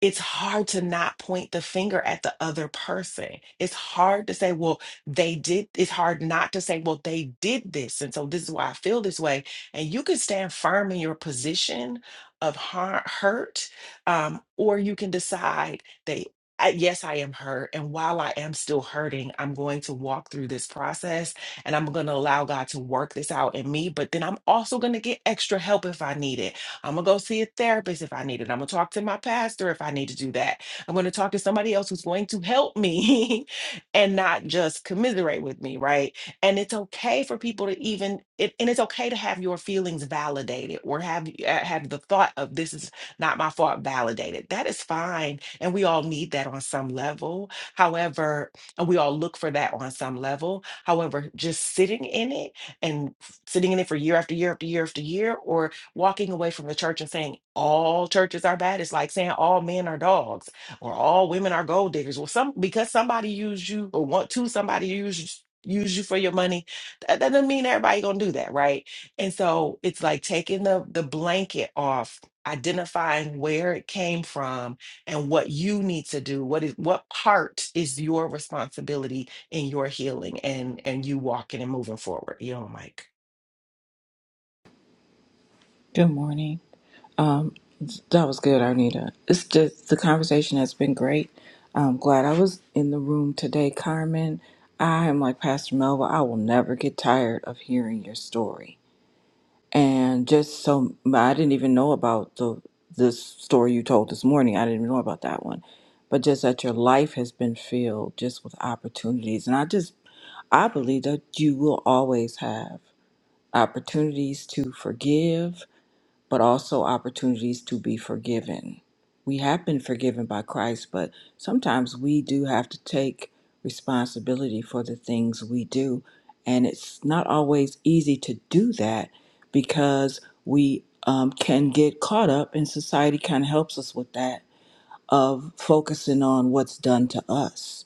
D: it's hard to not point the finger at the other person. It's hard to say, well, they did, it's hard not to say, well, they did this. And so this is why I feel this way. And you can stand firm in your position of har- hurt, um, or you can decide that I- Yes, I am hurt. And while I am still hurting, I'm going to walk through this process and I'm going to allow God to work this out in me. But then I'm also going to get extra help if I need it. I'm gonna go see a therapist if I need it. I'm gonna talk to my pastor if I need to do that. I'm gonna talk to somebody else who's going to help me and not just commiserate with me, right? And it's okay for people to even it, and it's okay to have your feelings validated or have uh, have the thought of this is not my fault validated. That is fine, and we all need that on some level. However, and we all look for that on some level. However, just sitting in it and f- sitting in it for year after year after year after year, or walking away from the church and saying all churches are bad is like saying all men are dogs or all women are gold diggers. Well, some because somebody used you or want to somebody use use you for your money, that, that doesn't mean everybody gonna do that, right? And so it's like taking the the blanket off, identifying where it came from and what you need to do. What is what part is your responsibility in your healing and and you walking and moving forward. You know, Mike.
G: Good morning. Um, that was good, Arnita. It's just the conversation has been great. I'm glad I was in the room today, Carmen. I am like Pastor Melva. I will never get tired of hearing your story. And just so I didn't even know about the this story you told this morning. I didn't even know about that one. But just that your life has been filled just with opportunities. And I just I believe that you will always have opportunities to forgive, but also opportunities to be forgiven. We have been forgiven by Christ, but sometimes we do have to take responsibility for the things we do. And it's not always easy to do that because we um, can get caught up, and society kind of helps us with that of focusing on what's done to us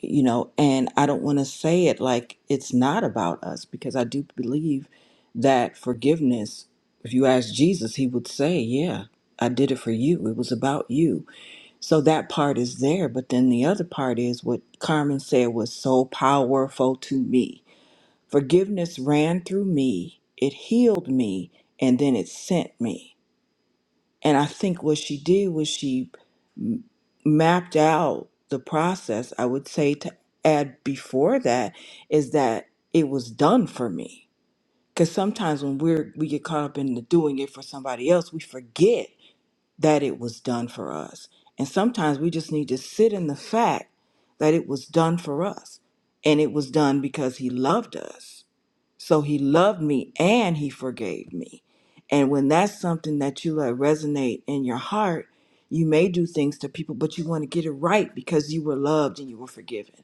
G: you know and i don't want to say it like it's not about us because i do believe that forgiveness if you ask jesus he would say yeah i did it for you it was about you so that part is there but then the other part is what carmen said was so powerful to me forgiveness ran through me it healed me and then it sent me and i think what she did was she mapped out the process, I would say to add before that is that it was done for me. Because sometimes when we're we get caught up in the doing it for somebody else, we forget that it was done for us. And sometimes we just need to sit in the fact that it was done for us, and it was done because He loved us. So he loved me and he forgave me. And when that's something that you let resonate in your heart, you may do things to people, but you want to get it right because you were loved and you were forgiven.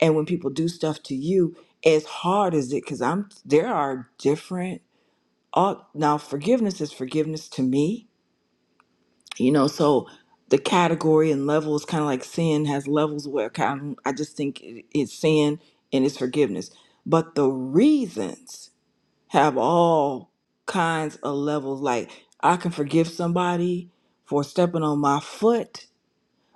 G: And when people do stuff to you, as hard as it, because I'm there are different all now forgiveness is forgiveness to me, you know, so the category and level is kind of like sin has levels where kind of, I just think it- it's sin and it's forgiveness. But the reasons have all kinds of levels. Like I can forgive somebody for stepping on my foot,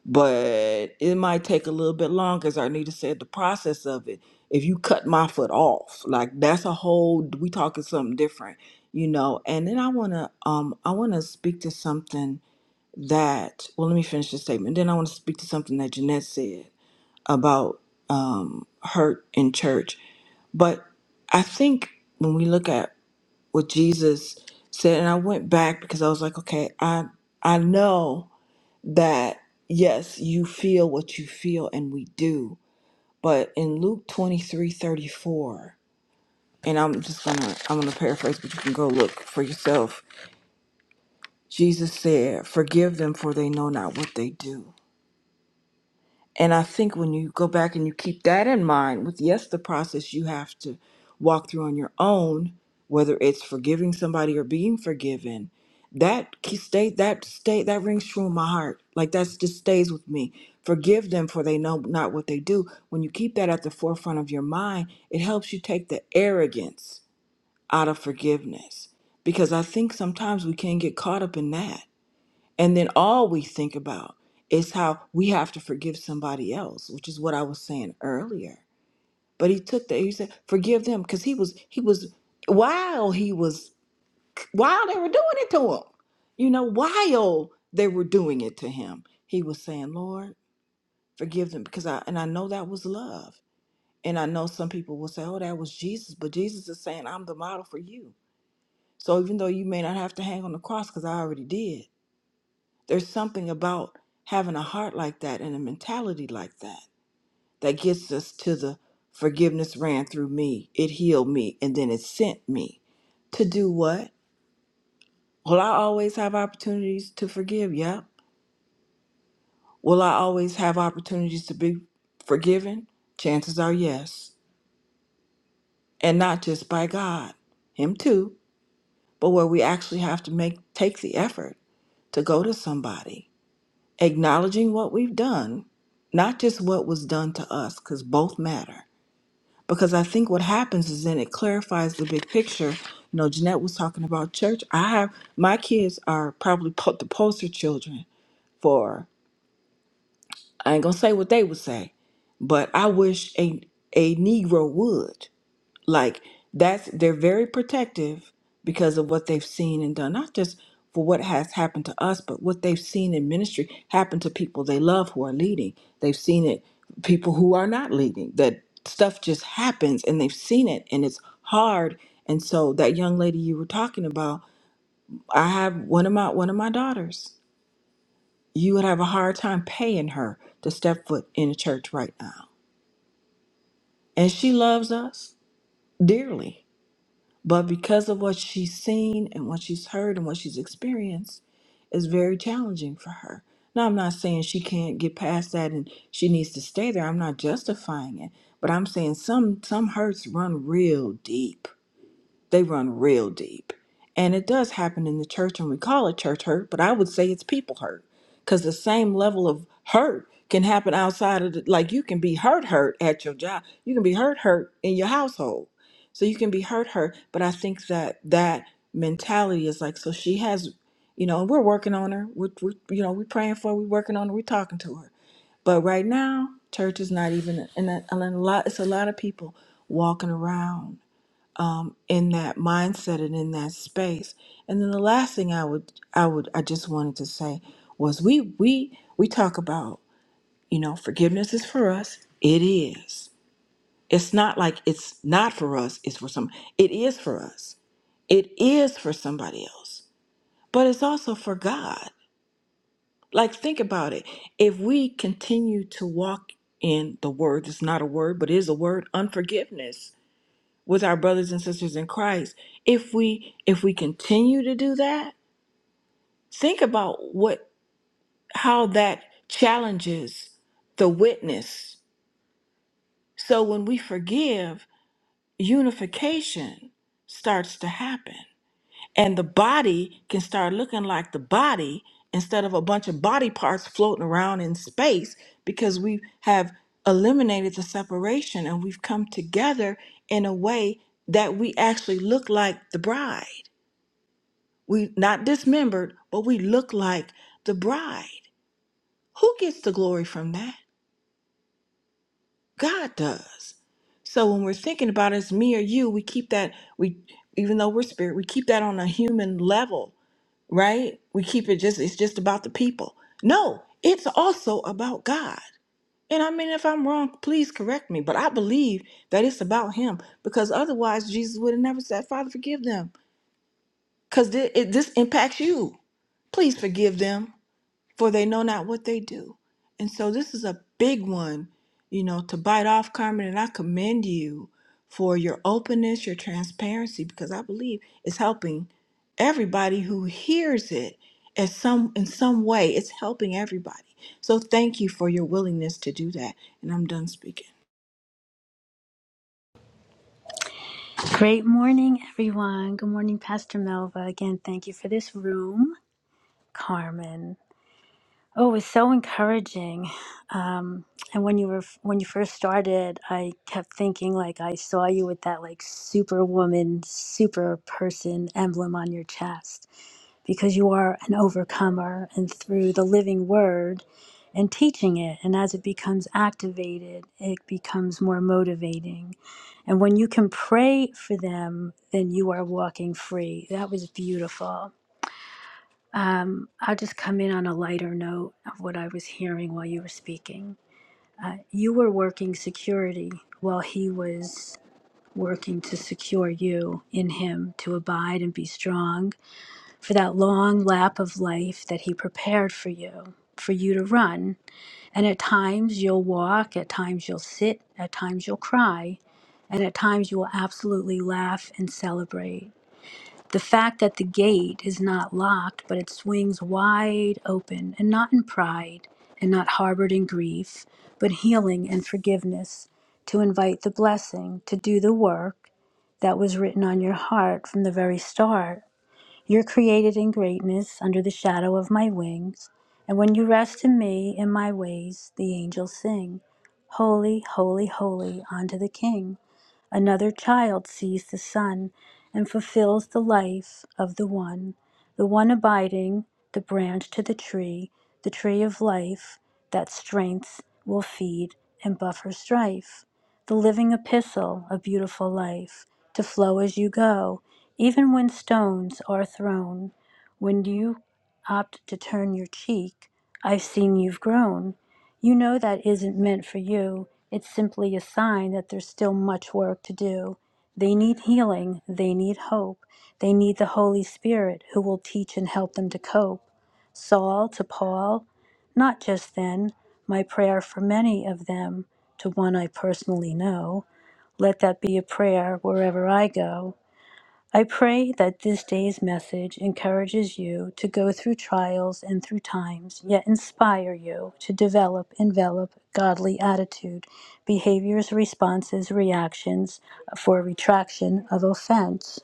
G: but it might take a little bit longer, as Arnita said, the process of it. If you cut my foot off, like that's a whole we talking something different, you know. And then I wanna um I wanna speak to something that well let me finish the statement. Then I wanna speak to something that Jeanette said about um hurt in church. But I think when we look at what Jesus said, and I went back because I was like, okay, I I know that yes, you feel what you feel, and we do. But in Luke twenty three thirty four, and I'm just gonna I'm gonna paraphrase, but you can go look for yourself. Jesus said, "Forgive them, for they know not what they do." And I think when you go back and you keep that in mind, with yes, the process you have to walk through on your own, whether it's forgiving somebody or being forgiven, that key- stay that state that rings true in my heart. Like that's just stays with me. Forgive them for they know not what they do. When you keep that at the forefront of your mind, it helps you take the arrogance out of forgiveness. Because I think sometimes we can get caught up in that and then all we think about is how we have to forgive somebody else, which is what I was saying earlier. But he took that, he said, forgive them, because he was, he was, while he was, while they were doing it to him, you know, while they were doing it to him, he was saying, Lord, forgive them, because I, and I know that was love. And I know some people will say, oh, that was Jesus, but Jesus is saying, I'm the model for you. So even though you may not have to hang on the cross, because I already did, There's something about having a heart like that and a mentality like that that gets us to the forgiveness ran through me, it healed me, and then it sent me to do what? Will I always have opportunities to forgive? Yep. Will I always have opportunities to be forgiven? Chances are yes. And not just by God, Him too, but where we actually have to make take the effort to go to somebody acknowledging what we've done, not just what was done to us, because both matter. Because I think what happens is then it clarifies the big picture. You know, Jeanette was talking about church. I have my kids are probably po- the poster children for. I ain't gonna say what they would say, but I wish a a Negro would. Like that's they're very protective because of what they've seen and done, not just for what has happened to us, but what they've seen in ministry happen to people they love who are leading. They've seen it people who are not leading. That stuff just happens and they've seen it and it's hard. And so that young lady you were talking about, I have one of my one of my daughters. You would have a hard time paying her to step foot in a church right now. And she loves us dearly But because of what she's seen and what she's heard and what she's experienced, is very challenging for her. Now, I'm not saying she can't get past that and she needs to stay there. I'm not justifying it, but I'm saying some some hurts run real deep they run real deep. And it does happen in the church, and we call it church hurt, but I would say it's people hurt. Because the same level of hurt can happen outside of, the, like, you can be hurt, hurt at your job. You can be hurt, hurt in your household. So you can be hurt, hurt. But I think that that mentality is like, so she has, you know, and we're working on her. We're, we're you know, we're praying for her, we're working on her, we're talking to her. But right now, church is not even, and a, and a lot, it's a lot of people walking around um, in that mindset and in that space. And then the last thing I would I would I just wanted to say was we we we talk about, you know, forgiveness is for us. It is. It's not like it's not for us, it's for some it is for us. It is for somebody else. But it's also for God. Like think about it. If we continue to walk in the word, it's not a word, but it is a word, unforgiveness with our brothers and sisters in Christ. If we if we continue to do that, think about what how that challenges the witness. So when we forgive, unification starts to happen. And the body can start looking like the body instead of a bunch of body parts floating around in space because we have eliminated the separation and we've come together in a way that we actually look like the bride. We not dismembered, but we look like the bride. Who gets the glory from that? God does. So when we're thinking about it, it's me or you, we keep that we even though we're spirit, we keep that on a human level, right? We keep it just it's just about the people. No, it's also about God. And I mean if I'm wrong, please correct me, but I believe that it's about him because otherwise Jesus would have never said, "Father, forgive them." Cuz this impacts you. Please forgive them for they know not what they do. And so this is a big one, you know, to bite off, Carmen. And I commend you for your openness, your transparency, because I believe it's helping everybody who hears it as some in some way. It's helping everybody. So thank you for your willingness to do that. And I'm done speaking.
B: Great morning, everyone. Good morning, Pastor Melva. Again, thank you for this room, Carmen. Oh, it's so encouraging. Um, and when you were when you first started, I kept thinking like I saw you with that like superwoman, super person emblem on your chest. because you are an overcomer and through the living word and teaching it and as it becomes activated it becomes more motivating and when you can pray for them then you are walking free that was beautiful um, i'll just come in on a lighter note of what i was hearing while you were speaking uh, you were working security while he was working to secure you in him to abide and be strong for that long lap of life that He prepared for you, for you to run. And at times you'll walk, at times you'll sit, at times you'll cry, and at times you will absolutely laugh and celebrate. The fact that the gate is not locked, but it swings wide open, and not in pride, and not harbored in grief, but healing and forgiveness, to invite the blessing, to do the work that was written on your heart from the very start you're created in greatness under the shadow of my wings, and when you rest in me in my ways, the angels sing, Holy, holy, holy unto the King. Another child sees the sun and fulfills the life of the one, the one abiding the branch to the tree, the tree of life that strength will feed and buffer strife. The living epistle, a beautiful life to flow as you go, even when stones are thrown. When you opt to turn your cheek, I've seen you've grown. You know that isn't meant for you. It's simply a sign that there's still much work to do. They need healing. They need hope. They need the Holy Spirit who will teach and help them to cope. Saul to Paul, not just then, my prayer for many of them, to one I personally know, let that be a prayer wherever I go. I pray that this day's message encourages you to go through trials and through times, yet inspire you to develop, envelop godly attitude, behaviors, responses, reactions for retraction of offense.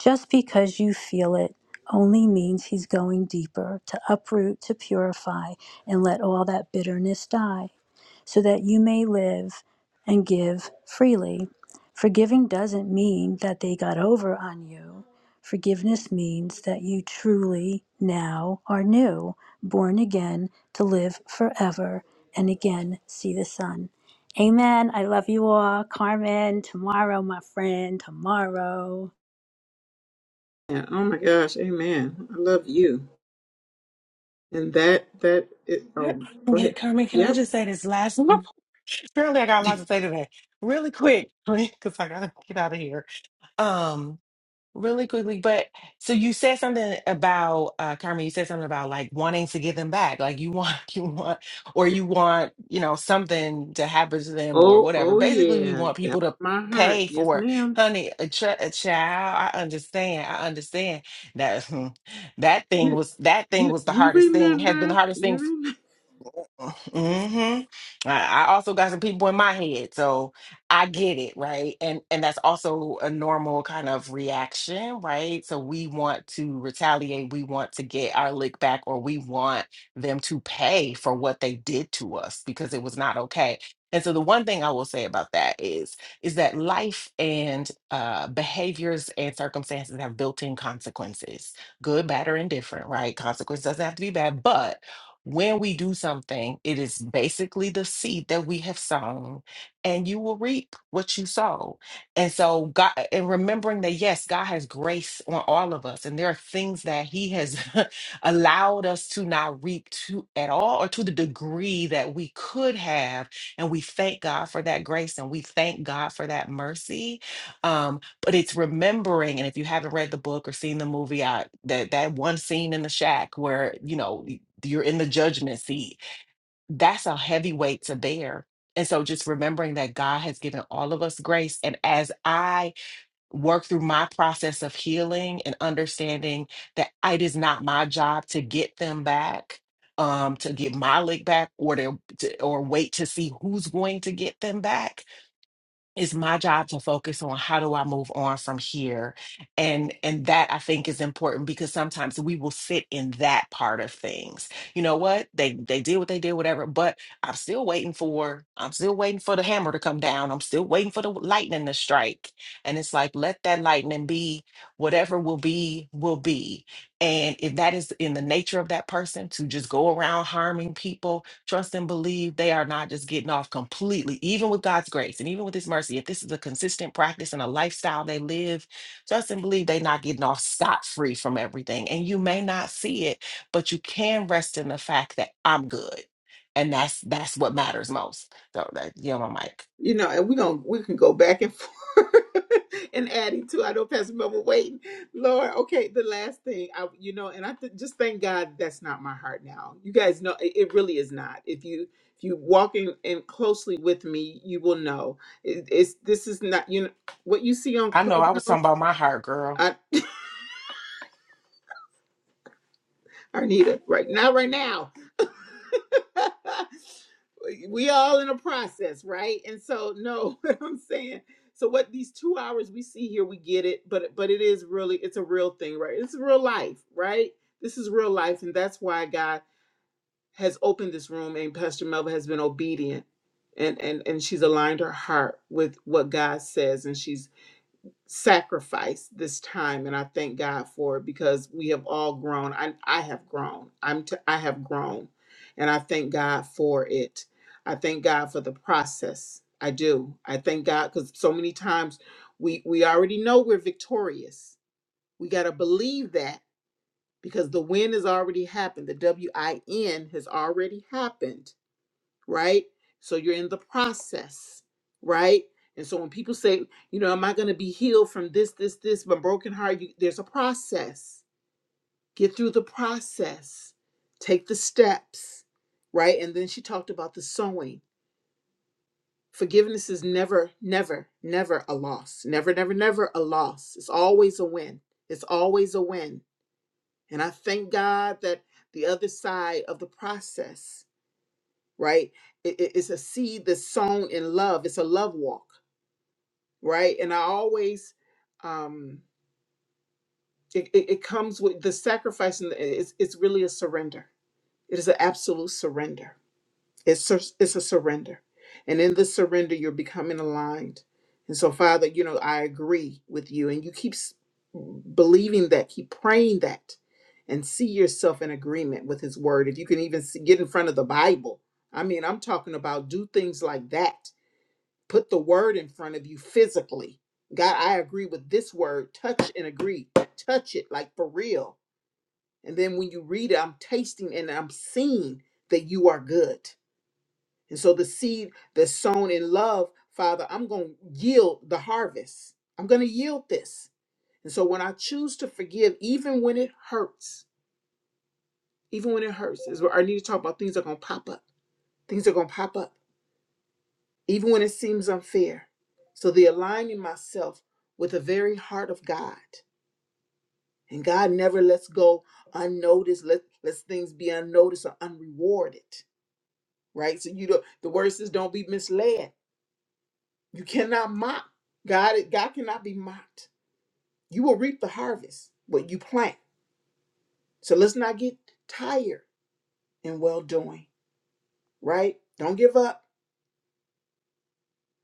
B: Just because you feel it only means he's going deeper to uproot, to purify, and let all that bitterness die so that you may live and give freely. Forgiving doesn't mean that they got over on you. Forgiveness means that you truly now are new, born again to live forever and again see the sun. Amen. I love you all. Carmen, tomorrow, my friend, tomorrow.
C: Yeah. Oh my gosh. Amen. I love you. And that that it,
D: Yeah,
C: oh go ahead.
D: Carmen, can I
C: Yep.
D: just say this last one? Apparently, I got a lot to say today. Really quick, because I gotta get out of here. Um, really quickly, but so you said something about uh Carmen, you said something about like wanting to give them back. Like you want you want or you want, you know, something to happen to them or
C: Oh
D: whatever.
C: oh
D: Basically, we
C: yeah.
D: want
C: That was
D: people to
C: my heart.
D: pay
C: Yes,
D: for, it.
C: ma'am.
D: honey, a, ch- a child. I understand. I understand that that thing
C: You
D: was that thing
C: you
D: was the
C: you
D: hardest thing, has been the
C: remember.
D: hardest thing
C: You
D: hmm I, I also got some people in my head, so I get it, right? And and that's also a normal kind of reaction, right? So we want to retaliate, we want to get our lick back, or we want them to pay for what they did to us because it was not okay. And so the one thing I will say about that is is that life and uh, behaviors and circumstances have built-in consequences, good, bad, or indifferent, right? Consequence doesn't have to be bad, but when we do something, it is basically the seed that we have sown, and you will reap what you sow. And so, God, and remembering that, yes, God has grace on all of us, and there are things that He has allowed us to not reap to at all or to the degree that we could have. And we thank God for that grace and we thank God for that mercy. um, but it's remembering and if you haven't read the book or seen the movie I, that that one scene in the shack where you know y- you're in the judgment seat that's a heavy weight to bear and so just remembering that god has given all of us grace and as i work through my process of healing and understanding that it is not my job to get them back um to get my lick back or to, to or wait to see who's going to get them back it's my job to focus on how do i move on from here and and that i think is important because sometimes we will sit in that part of things you know what they they did what they did whatever but i'm still waiting for i'm still waiting for the hammer to come down i'm still waiting for the lightning to strike and it's like let that lightning be whatever will be will be and if that is in the nature of that person to just go around harming people, trust and believe they are not just getting off completely, even with God's grace and even with His mercy. If this is a consistent practice and a lifestyle they live, trust and believe they're not getting off scot free from everything. And you may not see it, but you can rest in the fact that I'm good. And that's that's what matters most. So that you know my mic.
C: you know, and we gonna we can go back and forth and adding to. I know Pastor Mel waiting. Lord, okay, the last thing I, you know, and I th- just thank God that's not my heart now. You guys know it, it really is not. If you if you walk in, in closely with me, you will know it, it's this is not you know what you see on
D: I know I was
C: Clubhouse.
D: talking about my heart, girl.
C: I Arnita, right now, right now. we all in a process, right? And so no, what I'm saying. So what these two hours we see here, we get it, but but it is really it's a real thing, right? It's real life, right? This is real life, and that's why God has opened this room and Pastor Melva has been obedient and and and she's aligned her heart with what God says and she's sacrifice this time and I thank God for it because we have all grown. I I have grown. I'm t- I have grown and I thank God for it. I thank God for the process. I do. I thank God cuz so many times we we already know we're victorious. We got to believe that because the win has already happened. The W I N has already happened right? So you're in the process, right? And so when people say, you know, am I going to be healed from this, this, this, my broken heart? You, there's a process. Get through the process, take the steps, right? And then she talked about the sowing. Forgiveness is never, never, never a loss. Never, never, never a loss. It's always a win. It's always a win. And I thank God that the other side of the process right? It, it- it's a seed that's sown in love. It's a love walk, right? And I always, um, it, it, it comes with the sacrifice, and it's, it's really a surrender. It is an absolute surrender. It's sur- it's a surrender, and in the surrender, you're becoming aligned. And so, Father, you know I agree with you, and you keep s- believing that, keep praying that, and see yourself in agreement with His Word. If you can even see, get in front of the Bible, I mean, I'm talking about do things like that put the word in front of you physically. God, I agree with this word. Touch and agree. Touch it like for real. And then when you read it, I'm tasting and I'm seeing that you are good. And so the seed that's sown in love, Father, I'm going to yield the harvest. I'm going to yield this. And so when I choose to forgive, even when it hurts, even when it hurts, is where I need to talk about things are going to pop up. Things are going to pop up even when it seems unfair. So the aligning myself with the very heart of God. And God never lets go unnoticed, let lets things be unnoticed or unrewarded. Right? So you don't the word says don't be misled. You cannot mock. God, God cannot be mocked. You will reap the harvest, what you plant. So let's not get tired in well doing, right? Don't give up.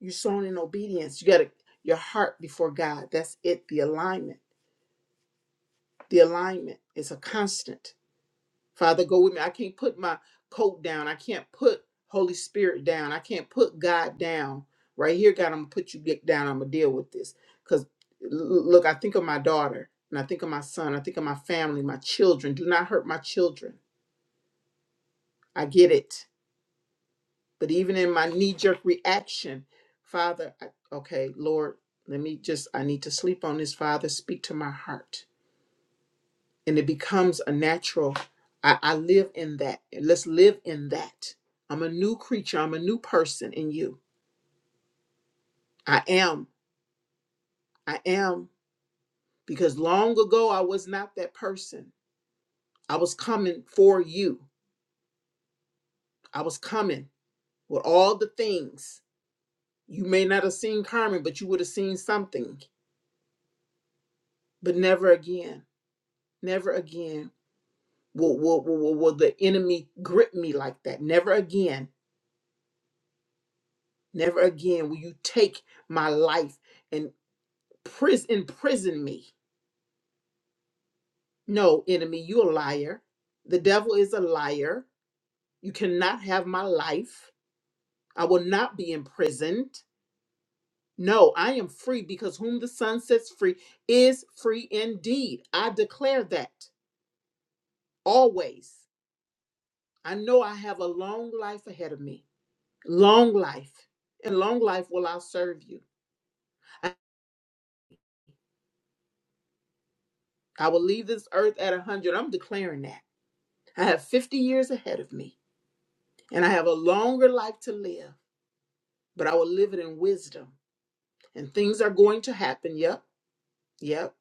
C: You're sown in obedience. You gotta your heart before God. That's it, the alignment the alignment is a constant. Father, go with me. I can't put my coat down. I can't put Holy Spirit down. I can't put God down. Right here, God, I'm gonna put you get down. I'm gonna deal with this. Cause look, I think of my daughter and I think of my son. I think of my family, my children. Do not hurt my children. I get it. But even in my knee jerk reaction, Father, I, okay, Lord, let me just, I need to sleep on this. Father, speak to my heart and it becomes a natural I, I live in that let's live in that i'm a new creature i'm a new person in you i am i am because long ago i was not that person i was coming for you i was coming with all the things you may not have seen carmen but you would have seen something but never again never again will, will, will, will will the enemy grip me like that never again never again will you take my life and. pris- imprison me. No, enemy, you a liar. The devil is a liar. You cannot have my life. I will not be imprisoned. No, I am free because whom the Son sets free is free indeed. I declare that always. I know I have a long life ahead of me. Long life. And long life will I serve you. I, I will leave this earth at a 100. I'm declaring that. I have 50 years ahead of me, and I have a longer life to live but I will live it in wisdom. And things are going to happen. Yep. Yep.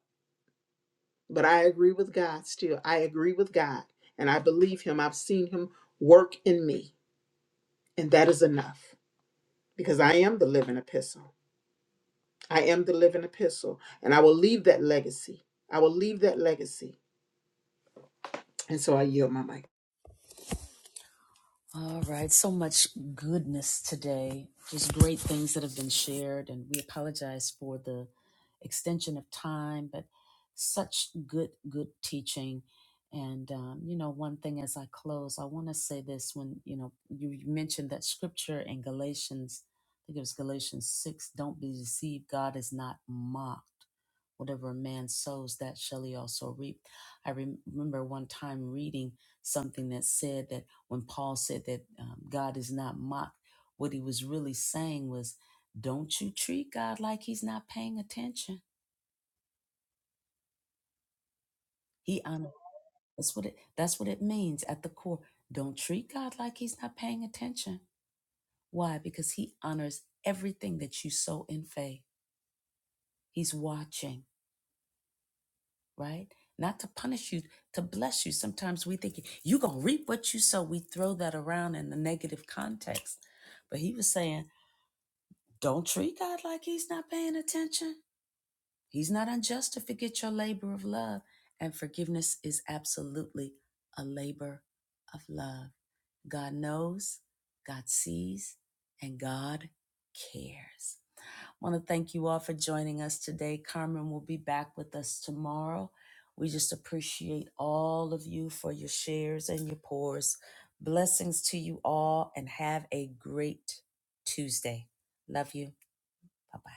C: But I agree with God still. I agree with God. And I believe Him. I've seen Him work in me. And that is enough because I am the living epistle. I am the living epistle. And I will leave that legacy. I will leave that legacy. And so I yield my mic.
A: All right, so much goodness today. Just great things that have been shared, and we apologize for the extension of time, but such good, good teaching. And um, you know, one thing as I close, I want to say this: when you know you mentioned that scripture in Galatians, I think it was Galatians six, "Don't be deceived; God is not mocked." Whatever a man sows, that shall he also reap. I rem- remember one time reading something that said that when Paul said that um, God is not mocked, what he was really saying was, "Don't you treat God like He's not paying attention." He honor. That's what it. That's what it means at the core. Don't treat God like He's not paying attention. Why? Because He honors everything that you sow in faith. He's watching, right? Not to punish you, to bless you. Sometimes we think you're gonna reap what you sow. We throw that around in the negative context, but He was saying, "Don't treat God like He's not paying attention." He's not unjust to forget your labor of love. And forgiveness is absolutely a labor of love. God knows, God sees, and God cares. I want to thank you all for joining us today. Carmen will be back with us tomorrow. We just appreciate all of you for your shares and your pours. Blessings to you all and have a great Tuesday. Love you. Bye bye.